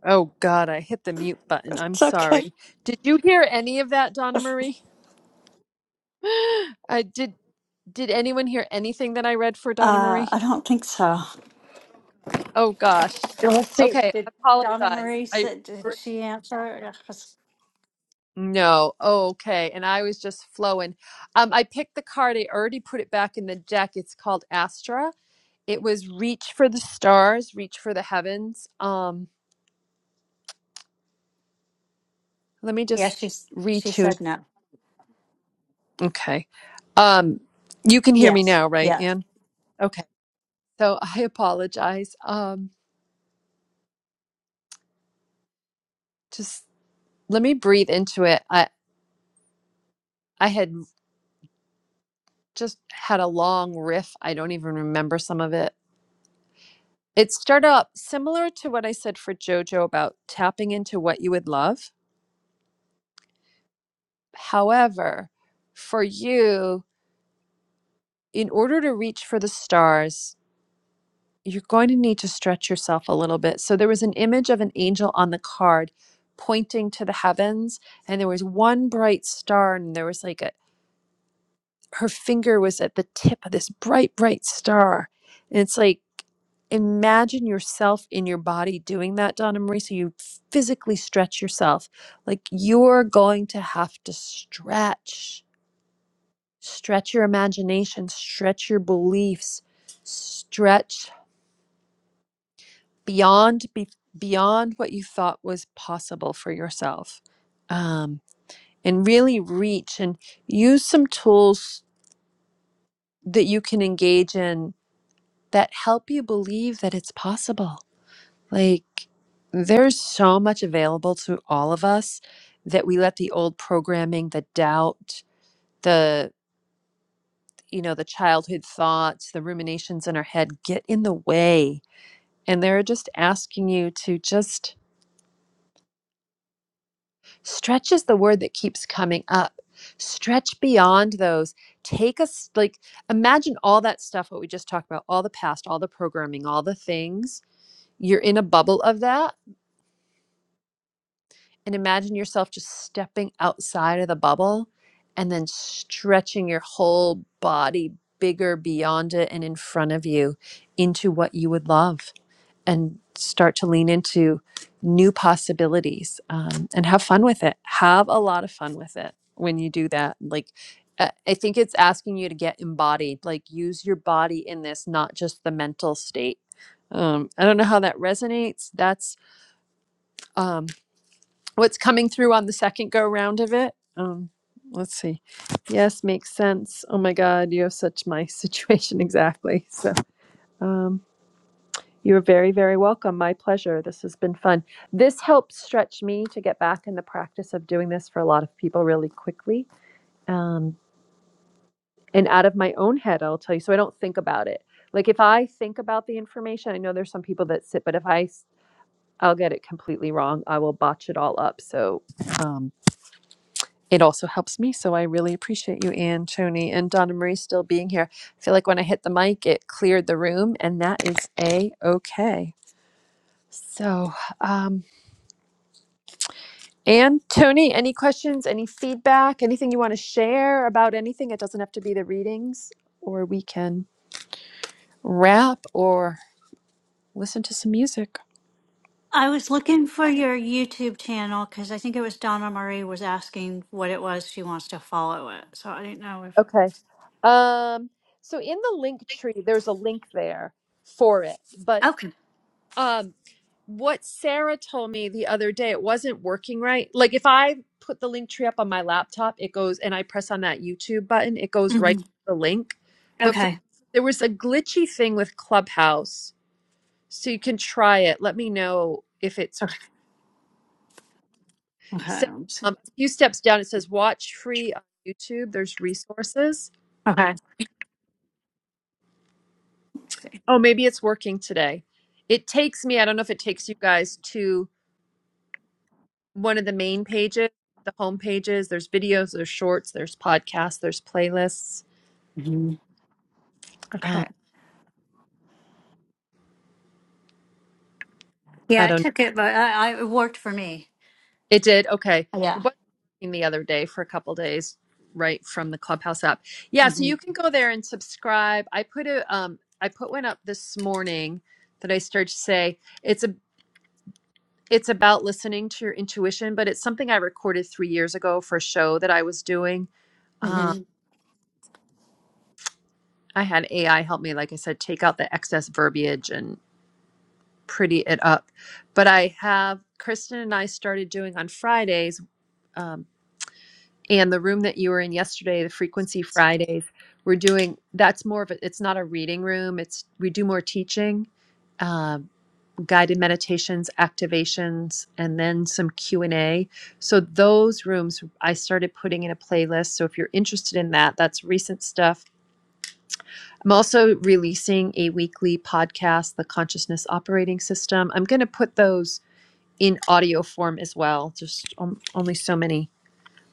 S1: Oh God, I hit the mute button. I'm
S2: It's okay.
S1: sorry. Did you hear any of that, Donna Marie? I did. Did anyone hear anything that I read for Donna
S2: Uh,
S1: Marie?
S2: I don't think so.
S1: Oh gosh.
S2: So Let's see.
S1: Okay,
S2: Did
S1: I
S2: Donna
S1: apologize.
S2: Marie
S1: I
S2: said? Did
S1: er,
S2: she answer?
S1: no. Oh, okay. And I was just flowing. Um, I picked the card. I already put it back in the deck. It's called Astra It was reach for the stars, reach for the heavens. Um, let me just
S2: Yes, she s- she
S1: retune.
S2: said no.
S1: Okay. Um, you can hear me
S2: Yes.
S1: now, right,
S2: Yes.
S1: Anne? Okay. So I apologize. Um, just let me breathe into it. I I had just had a long riff. I don't even remember some of it. It started up similar to what I said for JoJo about tapping into what you would love. However, for you, in order to reach for the stars, you're going to need to stretch yourself a little bit. So there was an image of an angel on the card pointing to the heavens, and there was one bright star, and there was like a her finger was at the tip of this bright, bright star. And it's like, imagine yourself in your body doing that, Donna Marie. So you physically stretch yourself. Like you're going to have to stretch, stretch your imagination, stretch your beliefs, stretch beyond be, beyond what you thought was possible for yourself um, and really reach and use some tools that you can engage in that help you believe that it's possible like there's so much available to all of us that we let the old programming the doubt the you know the childhood thoughts the ruminations in our head get in the way and they're just asking you to just Stretch is the word that keeps coming up. Stretch beyond those. Take us, like, imagine all that stuff, what we just talked about, all the past, all the programming, all the things. You're in a bubble of that. And imagine yourself just stepping outside of the bubble and then stretching your whole body bigger beyond it and in front of you into what you would love and start to lean into new possibilities um, and have fun with it. Have a lot of fun with it when you do that. Like, uh, I think it's asking you to get embodied, like, use your body in this, not just the mental state. Um, I don't know how that resonates. That's um, what's coming through on the second go round of it. Um, let's see. Yes, makes sense. Oh my God, you have such my situation exactly. So. Um, you're very, very welcome. My pleasure. This has been fun. This helps stretch me to get back in the practice of doing this for a lot of people really quickly um, and out of my own head, I'll tell you. So I don't think about it. Like if I think about the information, I know there's some people that sit, but if I, s- I'll get it completely wrong. I will botch it all up. So um, it also helps me. So I really appreciate you, Anne, Tony, and Donna Marie still being here. I feel like when I hit the mic, it cleared the room, and that is a okay. So. Um, And Tony, any questions, any feedback, anything you want to share about anything? It doesn't have to be the readings, or we can wrap or listen to some music.
S2: I was looking for your YouTube channel because I think it was Donna Marie was asking what it was she wants to follow it. So I didn't know if.
S1: Okay. Um, so in the link tree, there's a link there for it. But
S2: Okay.
S1: um, what Sarah told me the other day, it wasn't working right. Like if I put the link tree up on my laptop, it goes and I press on that YouTube button, it goes right
S2: hmm
S1: to the link. But for,
S2: Okay.
S1: there was a glitchy thing with Clubhouse So you can try it. Let me know if it's
S2: Okay. Okay.
S1: so.
S2: let me see.
S1: Um, a few steps down, it says watch free on YouTube. There's resources.
S2: Okay. Let me see.
S1: Oh, maybe it's working today. It takes me, I don't know if it takes you guys to one of the main pages, the home pages. There's videos, there's shorts, there's podcasts, there's playlists.
S2: hmm Okay.
S1: Um, I
S2: Yeah, I
S1: don't know.
S2: took it, but I, I, it worked for me.
S1: It did. Okay. It
S2: Yeah.
S1: was working the other day for a couple days, right from the Clubhouse app. Yeah, so
S2: hmm
S1: you can go there and subscribe. I put a um I put one up this morning that I started to say it's a it's about listening to your intuition, but it's something I recorded three years ago for a show that I was doing. Um,
S2: hmm
S1: I had AI help me, like I said, take out the excess verbiage and pretty it up. But I have Kristen and I started doing on Fridays. Um, And the room that you were in yesterday, the Frequency Fridays, we're doing that's more of a, it's not a reading room. It's we do more teaching, uh, guided meditations, activations, and then some Q and A. So those rooms I started putting in a playlist. So if you're interested in that, that's recent stuff. I'm also releasing a weekly podcast, The Consciousness Operating System. I'm going to put those in audio form as well. Just on- only so many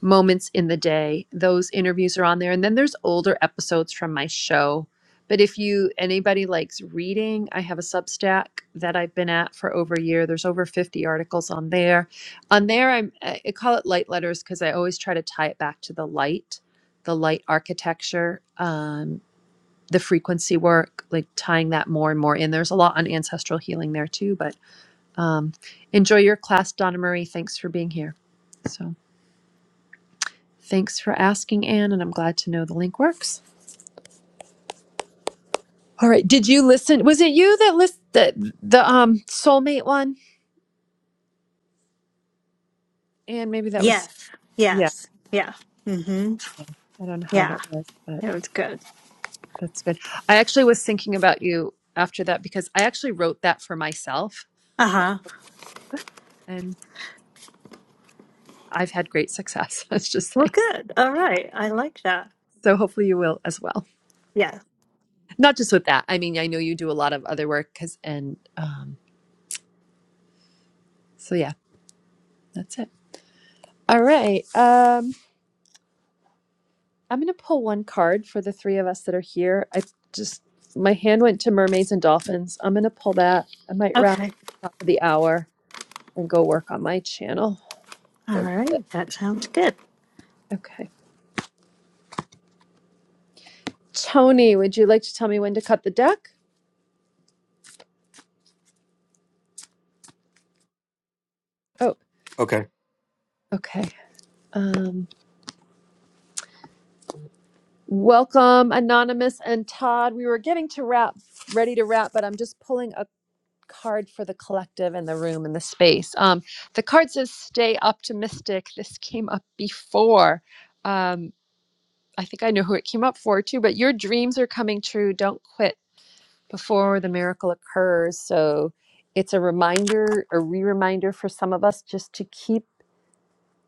S1: moments in the day. Those interviews are on there. And then there's older episodes from my show. But if you anybody likes reading, I have a Substack that I've been at for over a year. There's over 50 articles on there. On there I'm I call it light letters because I always try to tie it back to the light, the light architecture, um, the frequency work, like tying that more and more in. There's a lot on ancestral healing there too, but um, enjoy your class, Donna Marie. Thanks for being here. So Thanks for asking, Anne, and I'm glad to know the link works. All right. Did you listen? Was it you that list the, the um soulmate one? And maybe that was
S2: Yes.
S1: yeah,
S2: Yes. Yeah. hmm
S1: yeah. I don't know how
S2: Yeah.
S1: that was, but
S2: It was good.
S1: that's good. I actually was thinking about you after that because I actually wrote that for myself
S2: Uh huh.
S1: and I've had great success. Let's just
S2: Well,
S1: say.
S2: good. All right. I like that.
S1: So hopefully you will as well.
S2: Yeah.
S1: Not just with that. I mean, I know you do a lot of other work 'cause and um so yeah, that's it. All right. Um I'm going to pull one card for the three of us that are here. I just, my hand went to mermaids and dolphins. I'm going to pull that. I might wrap up at
S2: Okay.
S1: the top of the hour and go work on my channel for
S2: All
S1: a little bit.
S2: right. That sounds good.
S1: Okay. Tony, would you like to tell me when to cut the deck? Oh,
S8: Okay.
S1: okay. Um, welcome, Anonymous and Todd. We were getting to wrap, ready to wrap, but I'm just pulling a card for the collective and the room and the space. Um, the card says stay optimistic. This came up before. Um. I think I know who it came up for too, but your dreams are coming true. Don't quit before the miracle occurs. So it's a reminder, a re reminder for some of us just to keep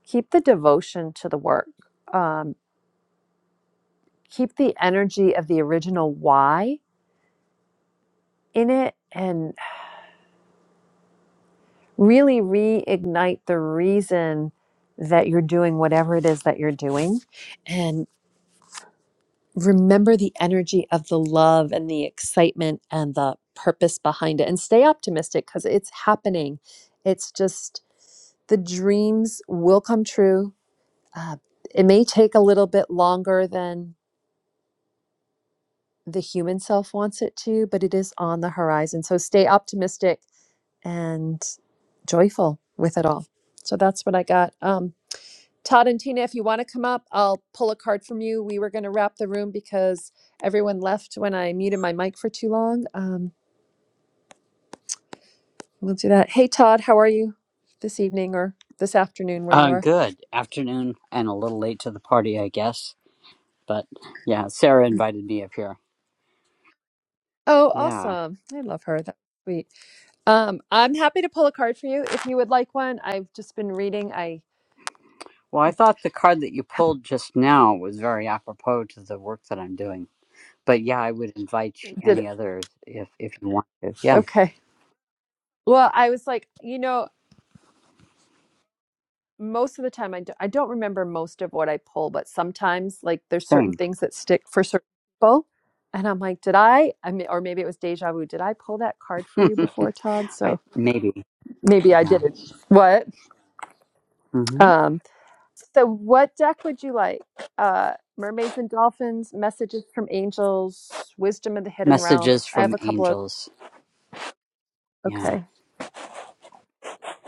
S1: keep the devotion to the work. Um, keep the energy of the original why in it and really reignite the reason that you're doing whatever it is that you're doing and. remember the energy of the love and the excitement and the purpose behind it and stay optimistic because it's happening. It's just the dreams will come true. Uh, it may take a little bit longer than the human self wants it to, but it is on the horizon. So stay optimistic and joyful with it all. So that's what I got. Um, Todd and Tina, if you want to come up, I'll pull a card from you. We were going to wrap the room because everyone left when I muted my mic for too long. Um, we'll do that. Hey, Todd, how are you this evening or this afternoon where you
S10: Uh,
S1: are?
S10: good afternoon, and a little late to the party, I guess. But yeah, Sarah invited me up here.
S1: Oh,
S10: Yeah.
S1: awesome. I love her. That's sweet. Um, I'm happy to pull a card for you if you would like one. I've just been reading. I
S10: Well, I
S1: I
S10: thought the card that you pulled just now was very apropos to the work that I'm doing. But yeah, I would invite you-
S1: did.
S10: any others if if you want to. Yeah,
S1: Okay. Well, I was like, you know, most of the time I, do, I don't remember most of what i pull but sometimes like there's certain
S10: same.
S1: things that stick for certain people and i'm like did i i mean or maybe it was deja vu did i pull that card for you before todd
S10: I
S1: so
S10: maybe.
S1: maybe i
S10: Yeah.
S1: didn't what
S10: hmm
S1: um so what deck would you like uh mermaids and dolphins messages from angels wisdom of the hidden
S10: Messages
S1: realms i
S10: from
S1: have a couple of
S10: angels. Yeah.
S1: okay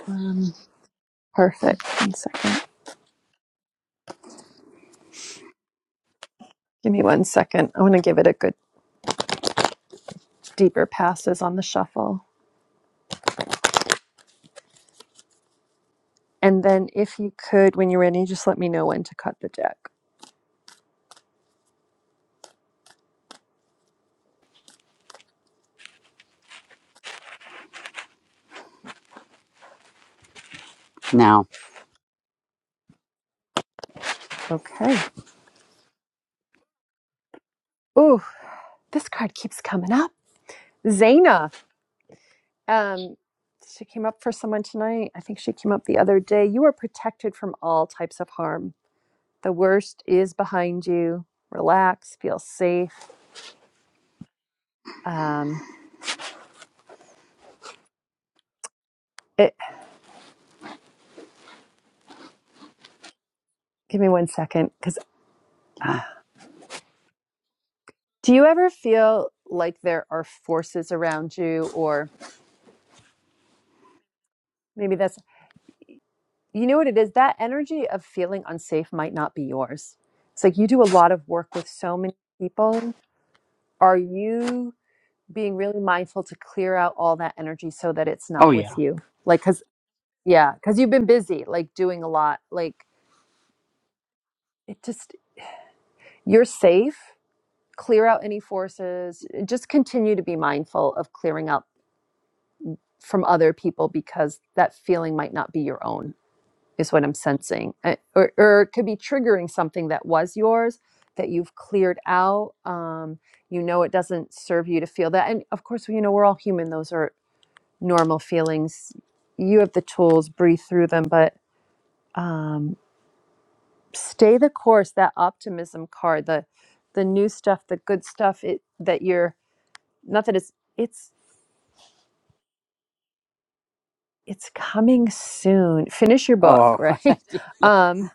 S1: um perfect one second give me one second i want to give it a good deeper passes on the shuffle And then if you could, when you're ready, just let me know when to cut the deck.
S10: Now.
S1: Okay. Ooh, this card keeps coming up. Zaina. Um, she came up for someone tonight. I think she came up the other day. You are protected from all types of harm. The worst is behind you. Relax, feel safe. Um, it, give me one second. Because
S10: Yeah.
S1: do you ever feel like there are forces around you, or maybe that's you know what it is? That energy of feeling unsafe might not be yours. It's like you do a lot of work with so many people. Are you being really mindful to clear out all that energy so that it's
S10: Oh
S1: not
S10: yeah.
S1: with you? Like, cause, yeah, cause you've been busy, like doing a lot. Like, it just, you're safe. Clear out any forces. Just continue to be mindful of clearing out from other people because that feeling might not be your own. is what I'm sensing. Uh, Or, or it could be triggering something that was yours that you've cleared out. Um, you know, it doesn't serve you to feel that. And of course, you know, we're all human. Those are normal feelings. You have the tools, breathe through them, but um, stay the course. That optimism card, the the new stuff, the good stuff it, that you're not that it's it's it's coming soon. Finish your book,
S10: Oh
S1: right? Um,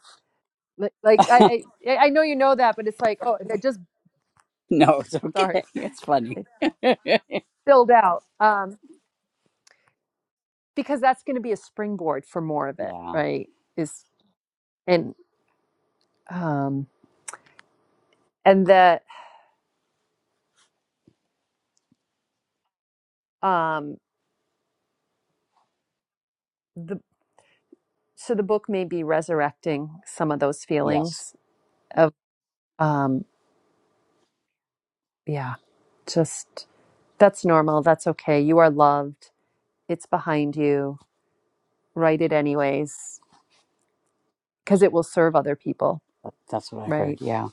S1: like, like I, I I know you know that, but it's like oh, they're just
S10: no, it's okay.
S1: Sorry.
S10: It's funny.
S1: It's spilled out. Um, because that's going to be a springboard for more of it,
S10: Yeah.
S1: right? Is and um and that um the so the book may be resurrecting some of those
S10: Yes.
S1: feelings of um yeah, just that's normal, that's okay. You are loved. It's behind you. Write it anyways because it will serve other people,
S10: That- That's what I heard.
S1: right?
S10: Yeah.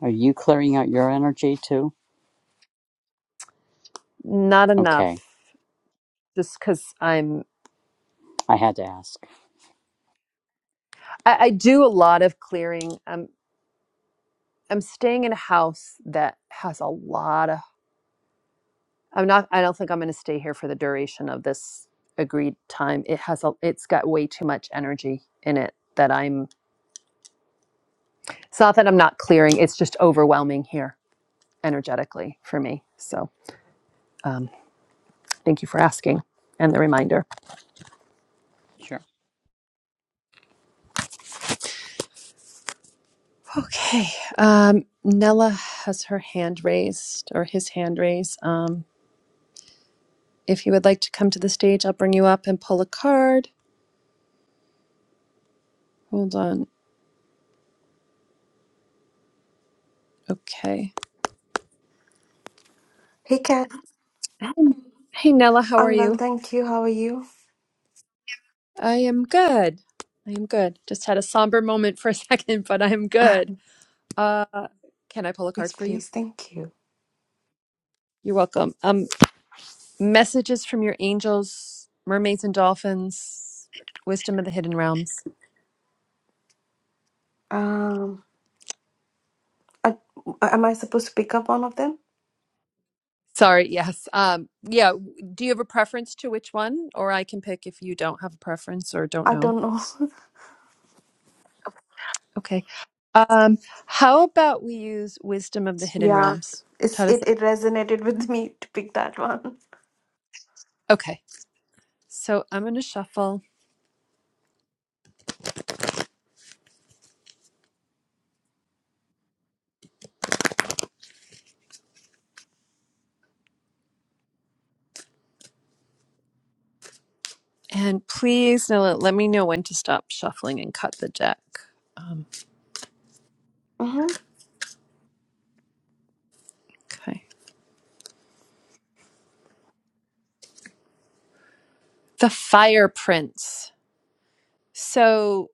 S10: Are you clearing out your energy too?
S1: Not enough
S10: Okay,
S1: just because I'm
S10: I had to ask.
S1: I, I do a lot of clearing. I'm I'm staying in a house that has a lot of I'm not I don't think I'm going to stay here for the duration of this agreed time. It has a it's got way too much energy in it that I'm it's not that I'm not clearing, it's just overwhelming here energetically for me. So, um thank you for asking and the reminder.
S10: Sure.
S1: Okay. Um Nella has her hand raised or his hand raised. Um if you would like to come to the stage, I'll bring you up and pull a card. Hold on. Okay.
S11: Hey Kat,
S1: Hey Hey, Nella, how are
S11: I'm well,
S1: you?
S11: thank you. How are you?
S1: I am good. I am good. Just had a somber moment for a second, but I am good. Uh, can I pull a card
S11: Yes,
S1: for you?
S11: please, thank you.
S1: You're welcome. Um, messages from your angels, mermaids and dolphins, wisdom of the hidden realms.
S11: Um, I, am I supposed to pick up one of them?
S1: Sorry, yes. Um, yeah. Do you have a preference to which one, or I can pick if you don't have a preference or don't
S11: I
S1: know?
S11: don't know.
S1: Okay. Um, how about we use wisdom of the hidden
S11: yeah,
S1: realms?
S11: it's
S1: How does
S11: it,
S1: that?
S11: it resonated with me to pick that one.
S1: Okay. So I'm going to shuffle. And please now let let me know when to stop shuffling and cut the deck. Um,
S11: Mm-hmm,
S1: okay. The Fire Prince. So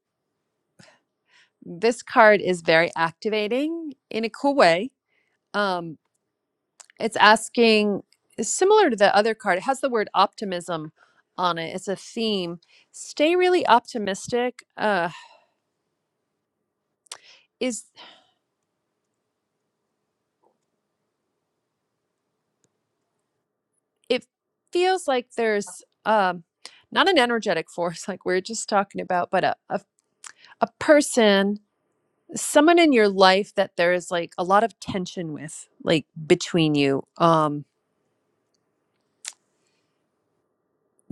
S1: this card is very activating in a cool way. Um, it's asking, it's similar to the other card, it has the word optimism on it. It's a theme. Stay really optimistic. Uh, is it feels like there's um, not an energetic force like we are just talking about, but a, a, a person someone in your life that there is like a lot of tension with like between you um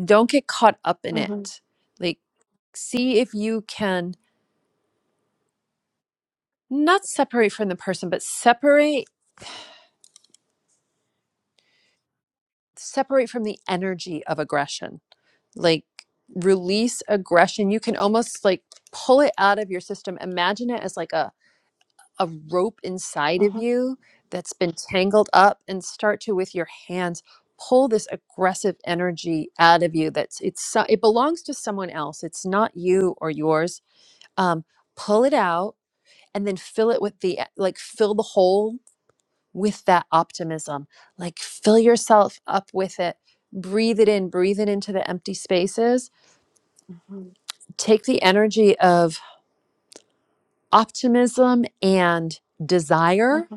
S1: don't get caught up in
S11: mm-hmm,
S1: it like see if you can not separate from the person but separate separate from the energy of aggression like release aggression you can almost like pull it out of your system imagine it as like a a rope inside of
S11: mm-hmm,
S1: you that's been tangled up and start to with your hands pull this aggressive energy out of you that's it's so- it belongs to someone else it's not you or yours um, pull it out and then fill it with the like fill the hole with that optimism like fill yourself up with it breathe it in breathe it into the empty spaces
S11: mm-hmm,
S1: take the energy of optimism and desire
S11: hmm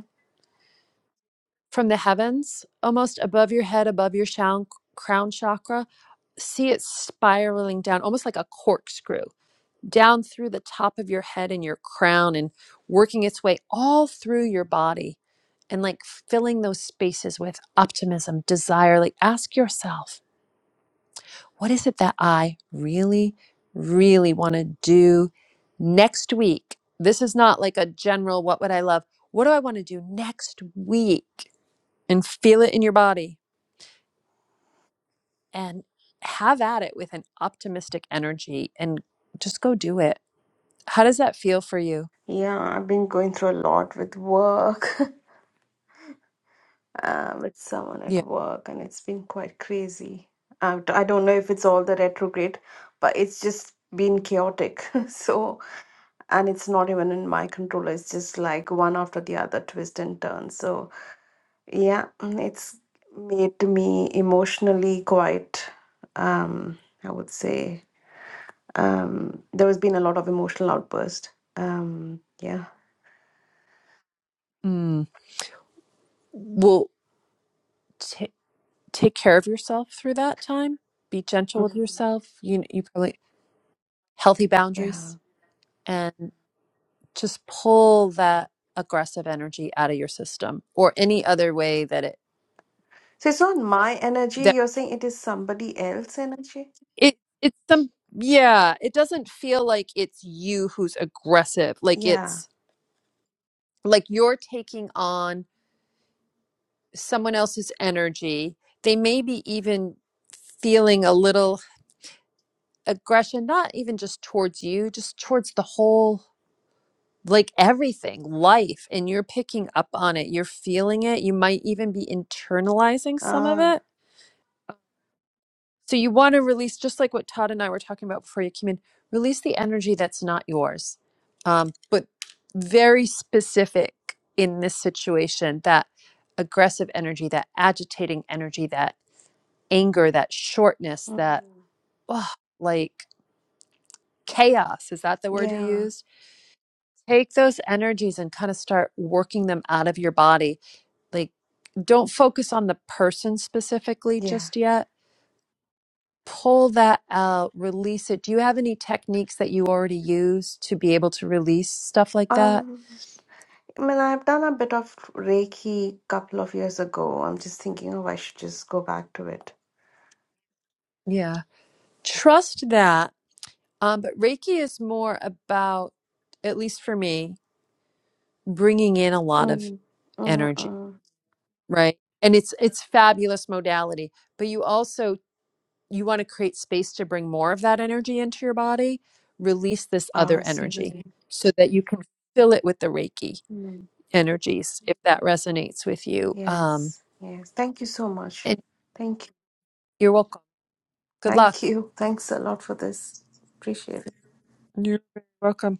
S1: from the heavens, almost above your head, above your shown, crown chakra. See it spiraling down, almost like a corkscrew, down through the top of your head and your crown and working its way all through your body and like filling those spaces with optimism, desire. Like ask yourself, what is it that I really, really want to do next week? This is not like a general, what would I love? What do I want to do next week? And feel it in your body and have at it with an optimistic energy and just go do it. How does that feel for you?
S11: Yeah, I've been going through a lot with work, uh, with someone at
S1: Yeah.
S11: work, and it's been quite crazy. I, I don't know if it's all the retrograde, but it's just been chaotic. so. and it's not even in my control it's just like one after the other twist and turn so yeah mm, it's made me emotionally quite um i would say um there has been a lot of emotional outburst um yeah
S1: Mm. Well, t- take care of yourself through that time. Be gentle with
S11: Mm,
S1: yourself. You you probably healthy
S11: yeah
S1: boundaries and just pull that aggressive energy out of your system or any other way that it
S11: so it's not my energy
S1: that
S11: you're saying it is somebody else energy
S1: it it's some yeah, it doesn't feel like it's you who's aggressive. Like
S11: yeah
S1: it's like you're taking on someone else's energy. They may be even feeling a little aggression, not even just towards you, just towards the whole, like everything, life. And you're picking up on it, you're feeling it. You might even be internalizing some of
S11: ah
S1: it. So you want to release, just like what Todd and I were talking about before you came in, release the energy that's not yours, um, but very specific in this situation that aggressive energy, that agitating energy, that anger, that shortness,
S11: mm,
S1: that oh, like chaos. Is that the word you
S11: yeah
S1: used? Take those energies and kind of start working them out of your body. Like, don't focus on the person specifically
S11: yeah
S1: just yet. Pull that out, release it. Do you have any techniques that you already use to be able to release stuff like that?
S11: um I mean, I've done a bit of Reiki couple of years ago. I'm just thinking, oh, I should just go back to it.
S1: Yeah. Trust that. Um, but Reiki is more about, at least for me, bringing in a lot of
S11: Mm, mm,
S1: energy
S11: mm.
S1: Right. And it's it's fabulous modality, but you also you want to create space to bring more of that energy into your body, release this other
S11: Ah, see.
S1: energy so that you can fill it with the Reiki
S11: Mm.
S1: energies if that resonates with you. Um
S11: Yes, yes. Thank you so much.
S1: and
S11: Thank you.
S1: you're welcome. Good luck.
S11: Thank you. Thanks a lot for this. Appreciate it.
S1: You're very welcome.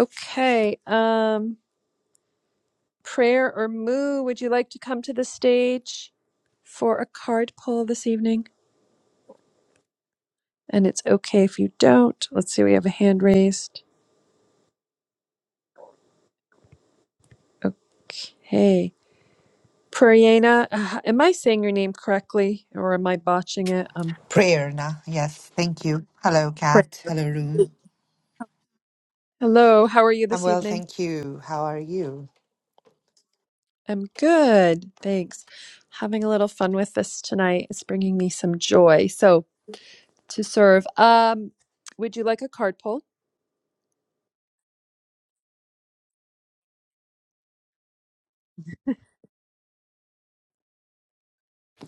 S1: Okay. Um prayer or moo, would you like to come to the stage for a card pull this evening? And it's okay if you don't. Let's see, we have a hand raised. Okay. Prayana, uh, am I saying your name correctly or am I botching it? Um,
S12: Prayer now. Yes, thank you. Hello,
S1: Pray-
S12: Kat. Hello, room.
S1: Hello, how are you
S12: I'm
S1: this
S12: well,
S1: evening?
S12: thank you. How are you?
S1: I'm good, thanks. Having a little fun with this tonight. It's bringing me some joy. So, to serve, um, would you like a card pull?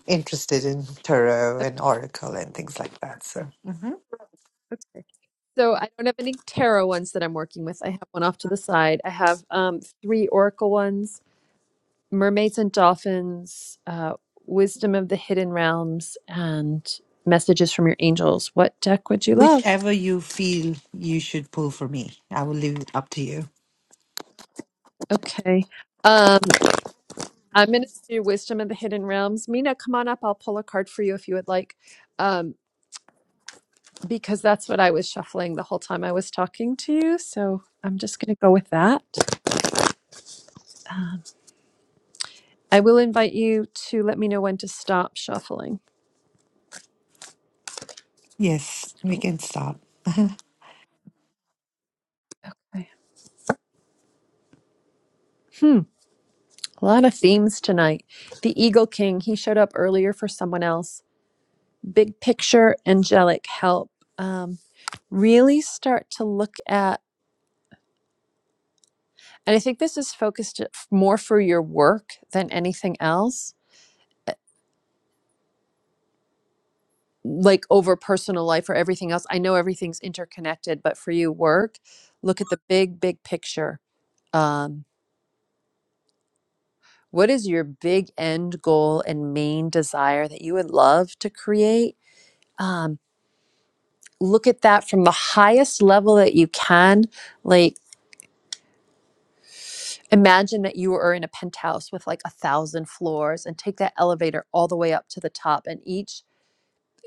S12: Interested in tarot
S1: Oh,
S12: and oracle and things like that. So, Mhm.
S1: Okay. So, I don't have any tarot ones that I'm working with. I have one off to the side. I have um, three oracle ones Mermaids and Dolphins, uh, Wisdom of the Hidden Realms, and Messages from Your Angels. What deck would you love?
S12: whichever you feel you should pull for me, I will leave it up to you.
S1: Okay. Um, I'm going to do Wisdom of the Hidden Realms. Mina, come on up. I'll pull a card for you if you would like, um, because that's what I was shuffling the whole time I was talking to you. So I'm just going to go with that. Um, I will invite you to let me know when to stop shuffling.
S12: Yes, we can start.
S1: Okay. Hmm. A lot of themes tonight. The Eagle King, he showed up earlier for someone else big picture angelic help um, really start to look at and i think this is focused more for your work than anything else uh, like over personal life or everything else i know everything's interconnected but for you work look at the big big picture um, what is your big end goal and main desire that you would love to create um, look at that from the highest level that you can like Imagine that you are in a penthouse with like a thousand floors and take that elevator all the way up to the top and each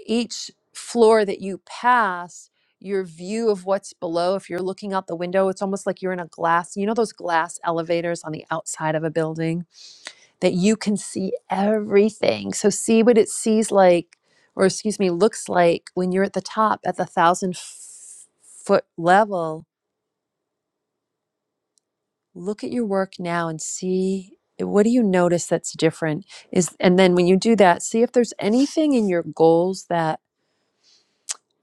S1: each floor that you pass your view of what's below if you're looking out the window it's almost like you're in a glass you know those glass elevators on the outside of a building that you can see everything so see what it sees like or excuse me looks like when you're at the top at the thousand f- foot level look at your work now and see eh, what do you notice that's different is and then when you do that see if there's anything in your goals that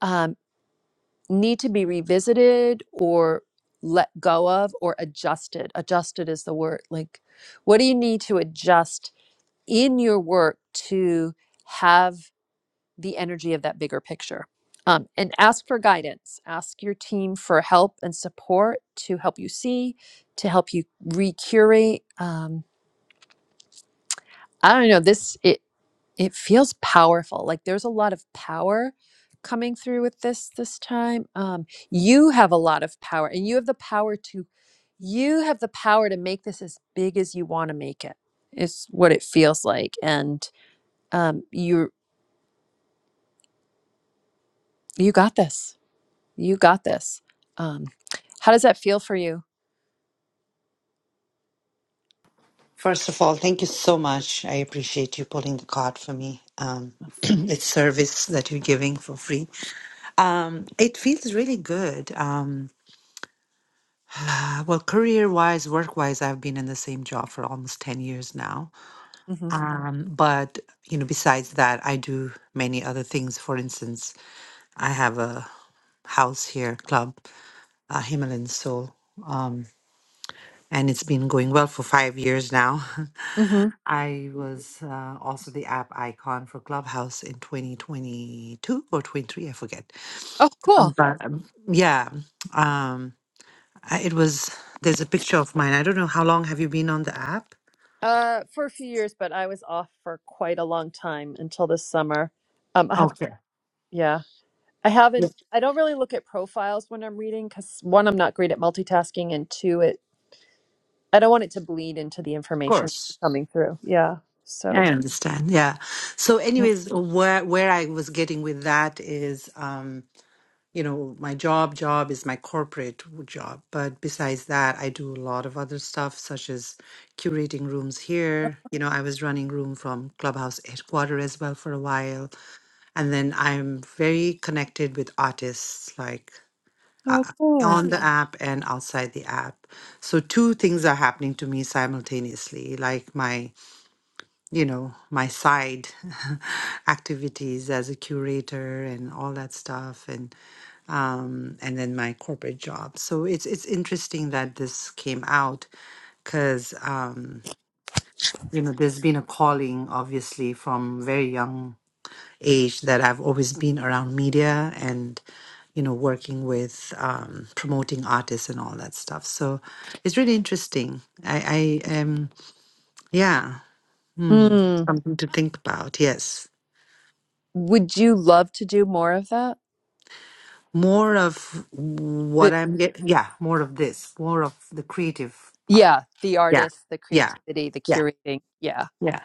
S1: um, need to be revisited or let go of or adjusted adjusted is the word like what do you need to adjust in your work to have the energy of that bigger picture um, and ask for guidance ask your team for help and support to help you see to help you recurate Um, I don't know. This it it feels powerful. Like there's a lot of power coming through with this this time. Um, you have a lot of power, and you have the power to you have the power to make this as big as you want to make it. Is what it feels like, and um, you you got this. You got this. Um, how does that feel for you?
S12: First of all, thank you so much. I appreciate you pulling the card for me. Um,
S1: Uh
S12: it's service that you're giving for free. Um, it feels really good. Um, Uh, well, career wise, work wise, I've been in the same job for almost 10 years now.
S1: hmm
S12: Um, but, you know, besides that, I do many other things. For instance, I have a house here, club, uh, Himalayan Soul. Um, and it's been going well for five years now.
S1: Mm-hmm.
S12: I was uh, also the app icon for Clubhouse in 2022 or 23, I forget.
S1: Oh,
S12: Uh,
S1: cool.
S12: But um, yeah, um, I- it was, there's a picture of mine. I don't know how long have you been on the app?
S1: Uh, for a few years, but I was off for quite a long time until this summer. Um, I have to, yeah, I
S12: Yes,
S1: haven't. I don't really look at profiles when I'm reading because one, I'm not great at multitasking, and two, it I don't want it to bleed into the
S12: of
S1: information
S12: course.
S1: coming through. Yeah.
S12: I
S1: So,
S12: understand. Yeah. So, anyways, where where I was getting with that is, um, you know, my job job is my corporate job, but besides that, I do a lot of other stuff, such as curating rooms here. You know, I was running room from Clubhouse headquarters as well for a while, and then I'm very connected with artists, like
S1: Oh,
S12: uh,
S1: cool.
S12: on the Mm. app and outside the app. So, two things are happening to me simultaneously, like my you know my side activities as a curator and all that stuff and um and then my corporate job so it's it's interesting that this came out because um you know there's been a calling obviously from very young age that i've always been around media and you know working with um, promoting artists and all that stuff so it's really interesting i i um yeah hmm,
S1: mm,
S12: something to think about yes
S1: would you love to do more of that?
S12: more of what
S1: The,
S12: I'm getting. Yeah, more of this, more of the creative part.
S1: yeah, the
S12: Yeah,
S1: artists, the
S12: yeah,
S1: creativity, the
S12: yeah,
S1: curating. Yeah.
S12: yeah.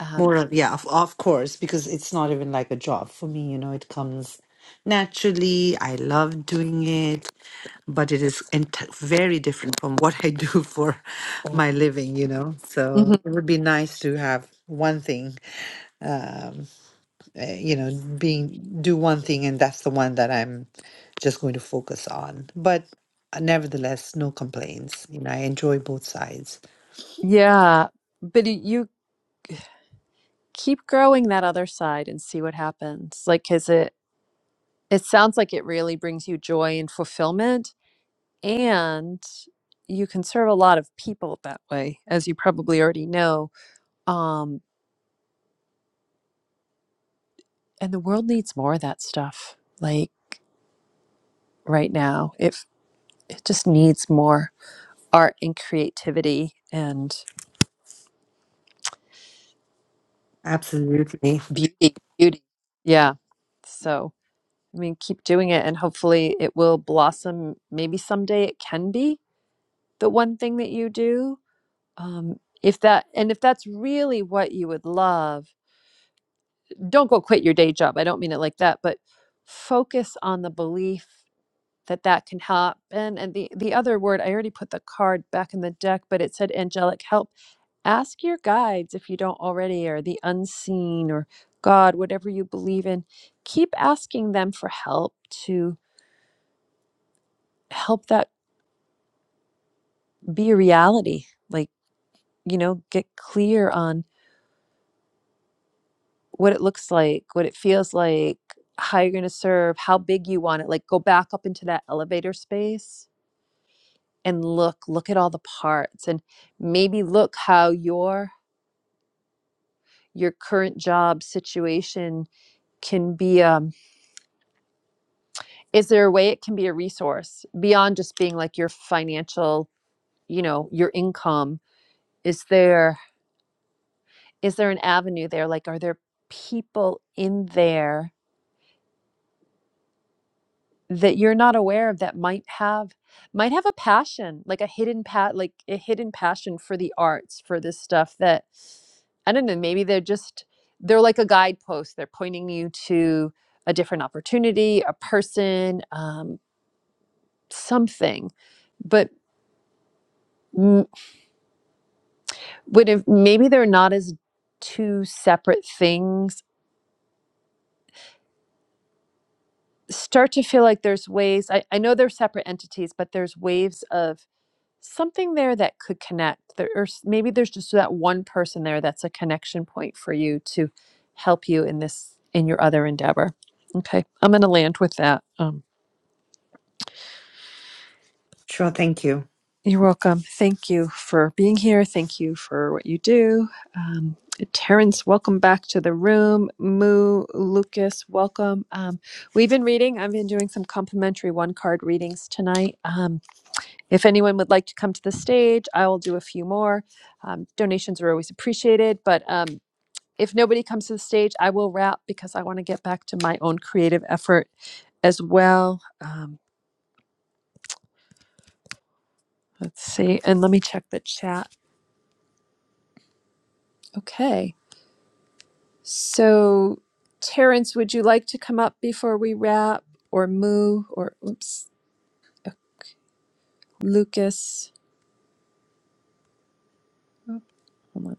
S1: Um,
S12: More of yeah, of, of course, because it's not even like a job for me. You know, it comes naturally. I love doing it, but it is ent- very different from what I do for my living. You know, so
S1: mhm.
S12: it would be nice to have one thing. um, uh, you know being do one thing and that's the one that i'm just going to focus on but uh, nevertheless no complaints you know i enjoy both sides
S1: Yeah. But y- you keep growing that other side and see what happens. Like, is it, it sounds like it really brings you joy and fulfillment. And you can serve a lot of people that way, as you probably already know. Um, and the world needs more of that stuff like right now if it just needs more art and creativity and
S12: absolutely
S1: beauty beauty yeah so i mean keep doing it and hopefully it will blossom maybe someday it can be the one thing that you do um if that and if that's really what you would love don't go quit your day job i don't mean it like that but focus on the belief that that can happen. And the the other word, I already put the card back in the deck, but it said angelic help. Ask your guides if you don't already, or the unseen, or God, whatever you believe in. Keep asking them for help to help that be a reality. Like you know, get clear on what it looks like, what it feels like, how you're going to serve, how big you want it. Like go back up into that elevator space and look look at all the parts and maybe look how your your current job situation can be um is there a way it can be a resource beyond just being like your financial you know your income is there is there an avenue there like are there people in there that you're not aware of that might have might have a passion like a hidden pat like a hidden passion for the arts for this stuff that i don't know maybe they're just they're like a guidepost they're pointing you to a different opportunity a person um, something but m- would if maybe they're not as two separate things start to feel like there's ways I, I know they're separate entities but there's waves of something there that could connect there or s- maybe there's just that one person there that's a connection point for you to help you in this in your other endeavor okay i'm going to land with that Um,
S12: sure thank you
S1: You're welcome. Thank you for being here. Thank you for what you do. Um, Terrence, welcome back to the room. Moo, Lucas, welcome. Um, we've been reading, I've been doing some complimentary one card readings tonight. Um, if anyone would like to come to the stage, I will do a few more. Um, donations are always appreciated, but um, if nobody comes to the stage, I will wrap because I want to get back to my own creative effort as well. Um, let's see, and let me check the chat. Okay. So, Terrence, would you like to come up before we wrap, or Moo, or oops, uh, Lucas? Hold on.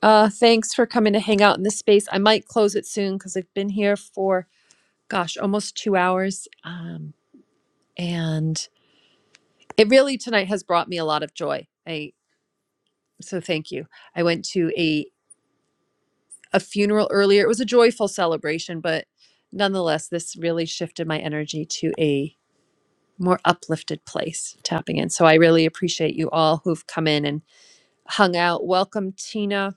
S1: Uh, thanks for coming to hang out in this space. I might close it soon because I've been here for, gosh, almost two hours, um, and it really tonight has brought me a lot of joy. I so thank you. I went to a a funeral earlier. It was a joyful celebration, but nonetheless, this really shifted my energy to a more uplifted place tapping in. So I really appreciate you all who've come in and hung out. Welcome, Tina.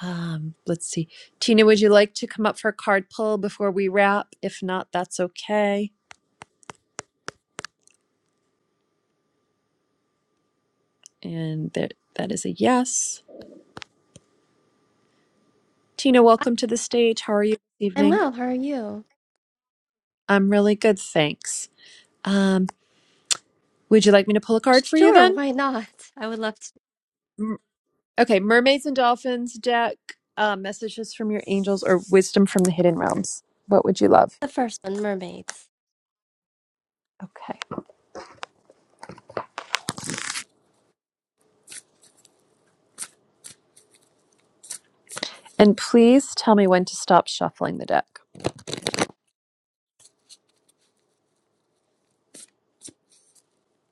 S1: Um, let's see. Tina, would you like to come up for a card pull before we wrap? If not, that's okay. And that that is a yes. Tina,
S13: I-
S1: welcome to the stage. How are you this
S13: I'm
S1: evening?
S13: well. How are you?
S1: I'm really good, thanks. Um, would you like me to pull a card for you
S13: Sure,
S1: then?
S13: why not? I would love to.
S1: Mm, Okay, Mermaids and Dolphins deck, uh, messages from your angels, or wisdom from the hidden realms. What would you love?
S13: The first one, mermaids.
S1: Okay. And please tell me when to stop shuffling the deck.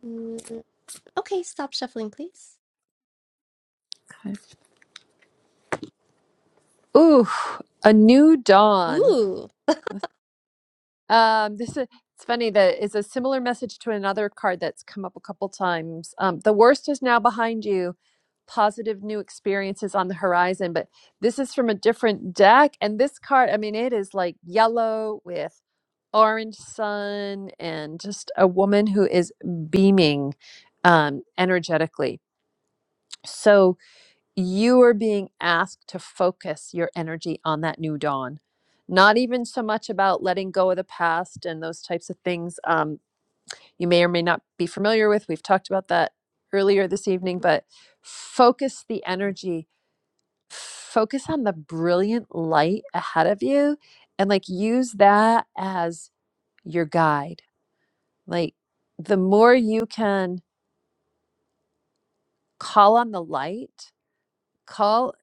S13: Mm, okay, stop shuffling, please.
S1: Okay. Ooh, a new dawn.
S13: Ooh,
S1: Um, this is it's funny that it's a similar message to another card that's come up a couple times. Um, the worst is now behind you. Positive new experiences on the horizon, but this is from a different deck. And this card, I mean, it is like yellow with orange sun and just a woman who is beaming um, energetically. So, you are being asked to focus your energy on that new dawn not even so much about letting go of the past and those types of things um, you may or may not be familiar with we've talked about that earlier this evening but focus the energy focus on the brilliant light ahead of you and like use that as your guide like the more you can call on the light call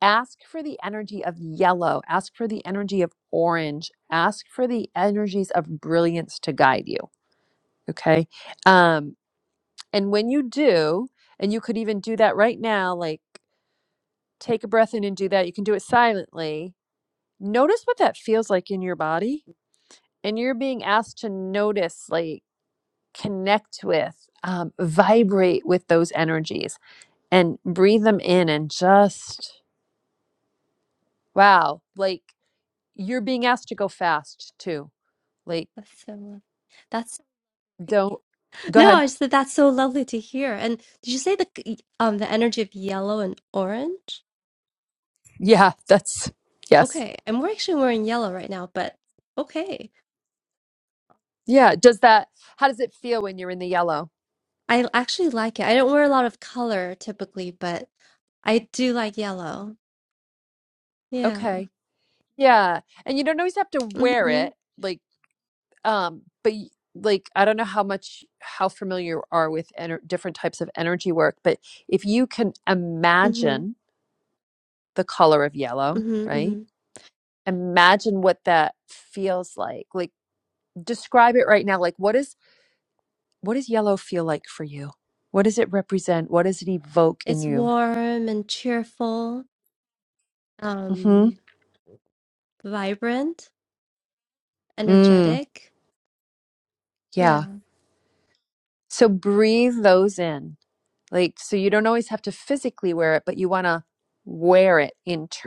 S1: ask for the energy of yellow, ask for the energy of orange, ask for the energies of brilliance to guide you. Okay. Um, and when you do, and you could even do that right now, like take a breath in and do that. You can do it silently. Notice what that feels like in your body. And you're being asked to notice, like, connect with, um, vibrate with those energies and breathe them in and just, wow, like you're being asked to go fast too Like,
S13: that's so. lo- That's
S1: don't go
S13: no.
S1: ahead.
S13: I said that's so lovely to hear. And did you say the c- um the energy of yellow and orange?
S1: Yeah, that's yes.
S13: Okay, and we're actually wearing yellow right now, but okay,
S1: Yeah. Does that, how does it feel when you're in the yellow?
S13: I actually like it. I don't wear a lot of color typically, but I do like yellow. Yeah.
S1: Okay. Yeah. And you don't always have to wear
S13: Mm-hmm.
S1: it. Like, um, but y- like, I don't know how much, how familiar you are with ener- different types of energy work, but if you can
S13: Mm-hmm.
S1: imagine the color of yellow,
S13: Mm-hmm. mm-hmm.
S1: right? Imagine what that feels like. Like, describe it right now. Like, what is, what does yellow feel like for you? What does it represent? What does it evoke in
S13: It's
S1: you?
S13: warm and cheerful,
S1: Mm-hmm.
S13: um, vibrant,
S1: Mm,
S13: energetic.
S1: yeah.
S13: Yeah.
S1: So breathe those in. Like, so you don't always have to physically wear it, but you want to wear it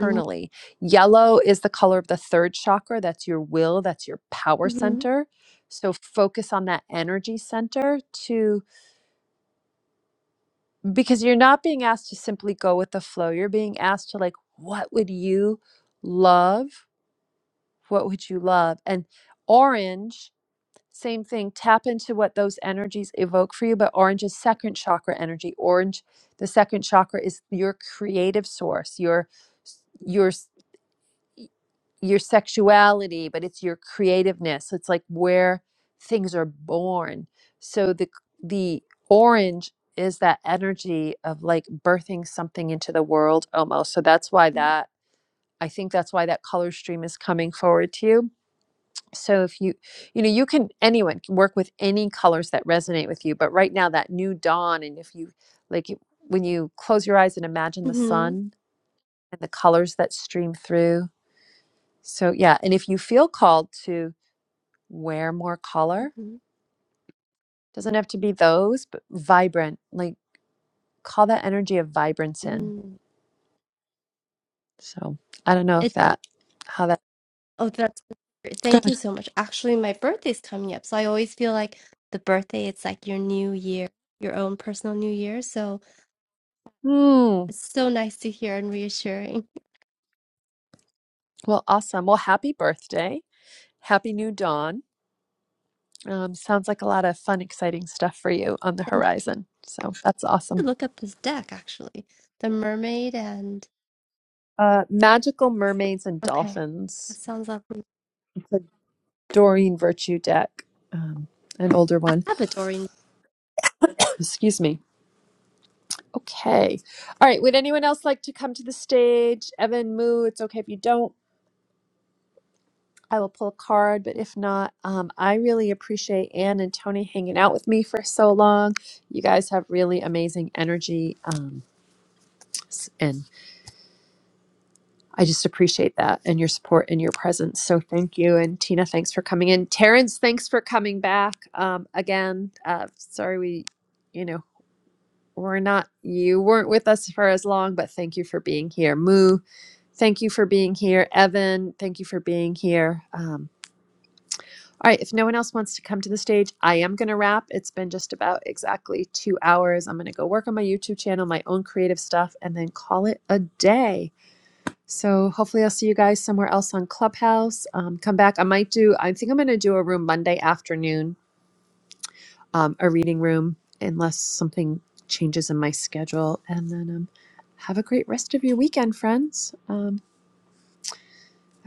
S13: Mm-hmm.
S1: Yellow is the color of the third chakra. That's your will, that's your power
S13: Mm-hmm.
S1: center. So focus on that energy center to, because you're not being asked to simply go with the flow. You're being asked to, like, what would you love? What would you love? And orange Same thing, tap into what those energies evoke for you. But orange is second chakra energy. Orange, the second chakra is your creative source, your your your sexuality, but it's your creativeness. So, It's like where things are born. So the the orange is that energy of like birthing something into the world almost. So that's why that I think that's why that color stream is coming forward to you so if you you know you can anyone can work with any colors that resonate with you but right now that new dawn and if you like you- when you close your eyes and imagine the
S13: Mm-hmm.
S1: sun and the colors that stream through so yeah and if you feel called to wear more color doesn't have to be those but vibrant like call that energy of vibrance in
S13: hmm
S1: so i don't know if
S13: It,
S1: that how that
S13: oh, that's great. Thank
S1: Good.
S13: you so much. Actually, my birthday's coming up, so I always feel like the birthday, it's like your new year, your own personal new year. So
S1: Hmm.
S13: it's so nice to hear and reassuring.
S1: Well, awesome. Well, happy birthday. Happy new dawn. Um, sounds like a lot of fun, exciting stuff for you on the
S13: Thank
S1: horizon. So that's
S13: you.
S1: awesome.
S13: Look up this deck, actually. The mermaid and
S1: Uh, Magical Mermaids and
S13: okay. That
S1: Dolphins.
S13: sounds lovely.
S1: It's a Doreen Virtue deck, um, an older
S13: I
S1: one.
S13: have a Doreen
S1: Excuse me. Okay. All right. Would anyone else like to come to the stage? Evan, Moo, it's okay if you don't. I will pull a card, but if not, um, I really appreciate Anne and Tony hanging out with me for so long. You guys have really amazing energy um, s- and I just appreciate that and your support and your presence. So thank you. And Tina, thanks for coming in. Terrence, thanks for coming back um, again. Uh, sorry we, you know, we're not, you weren't with us for as long, but thank you for being here. Moo, thank you for being here. Evan, thank you for being here. Um, all right, if no one else wants to come to the stage, I am going to wrap. It's been just about exactly two hours. I'm going to go work on my YouTube channel, my own creative stuff, and then call it a day. So hopefully I'll see you guys somewhere else on Clubhouse. Um, come back. I might do. I think I'm going to do a room Monday afternoon, um, a reading room, unless something changes in my schedule. And then um, have a great rest of your weekend, friends. Um,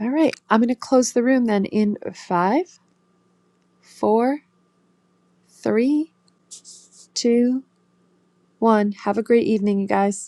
S1: all right, I'm going to close the room then in five, four, three, two, one. Have a great evening, you guys.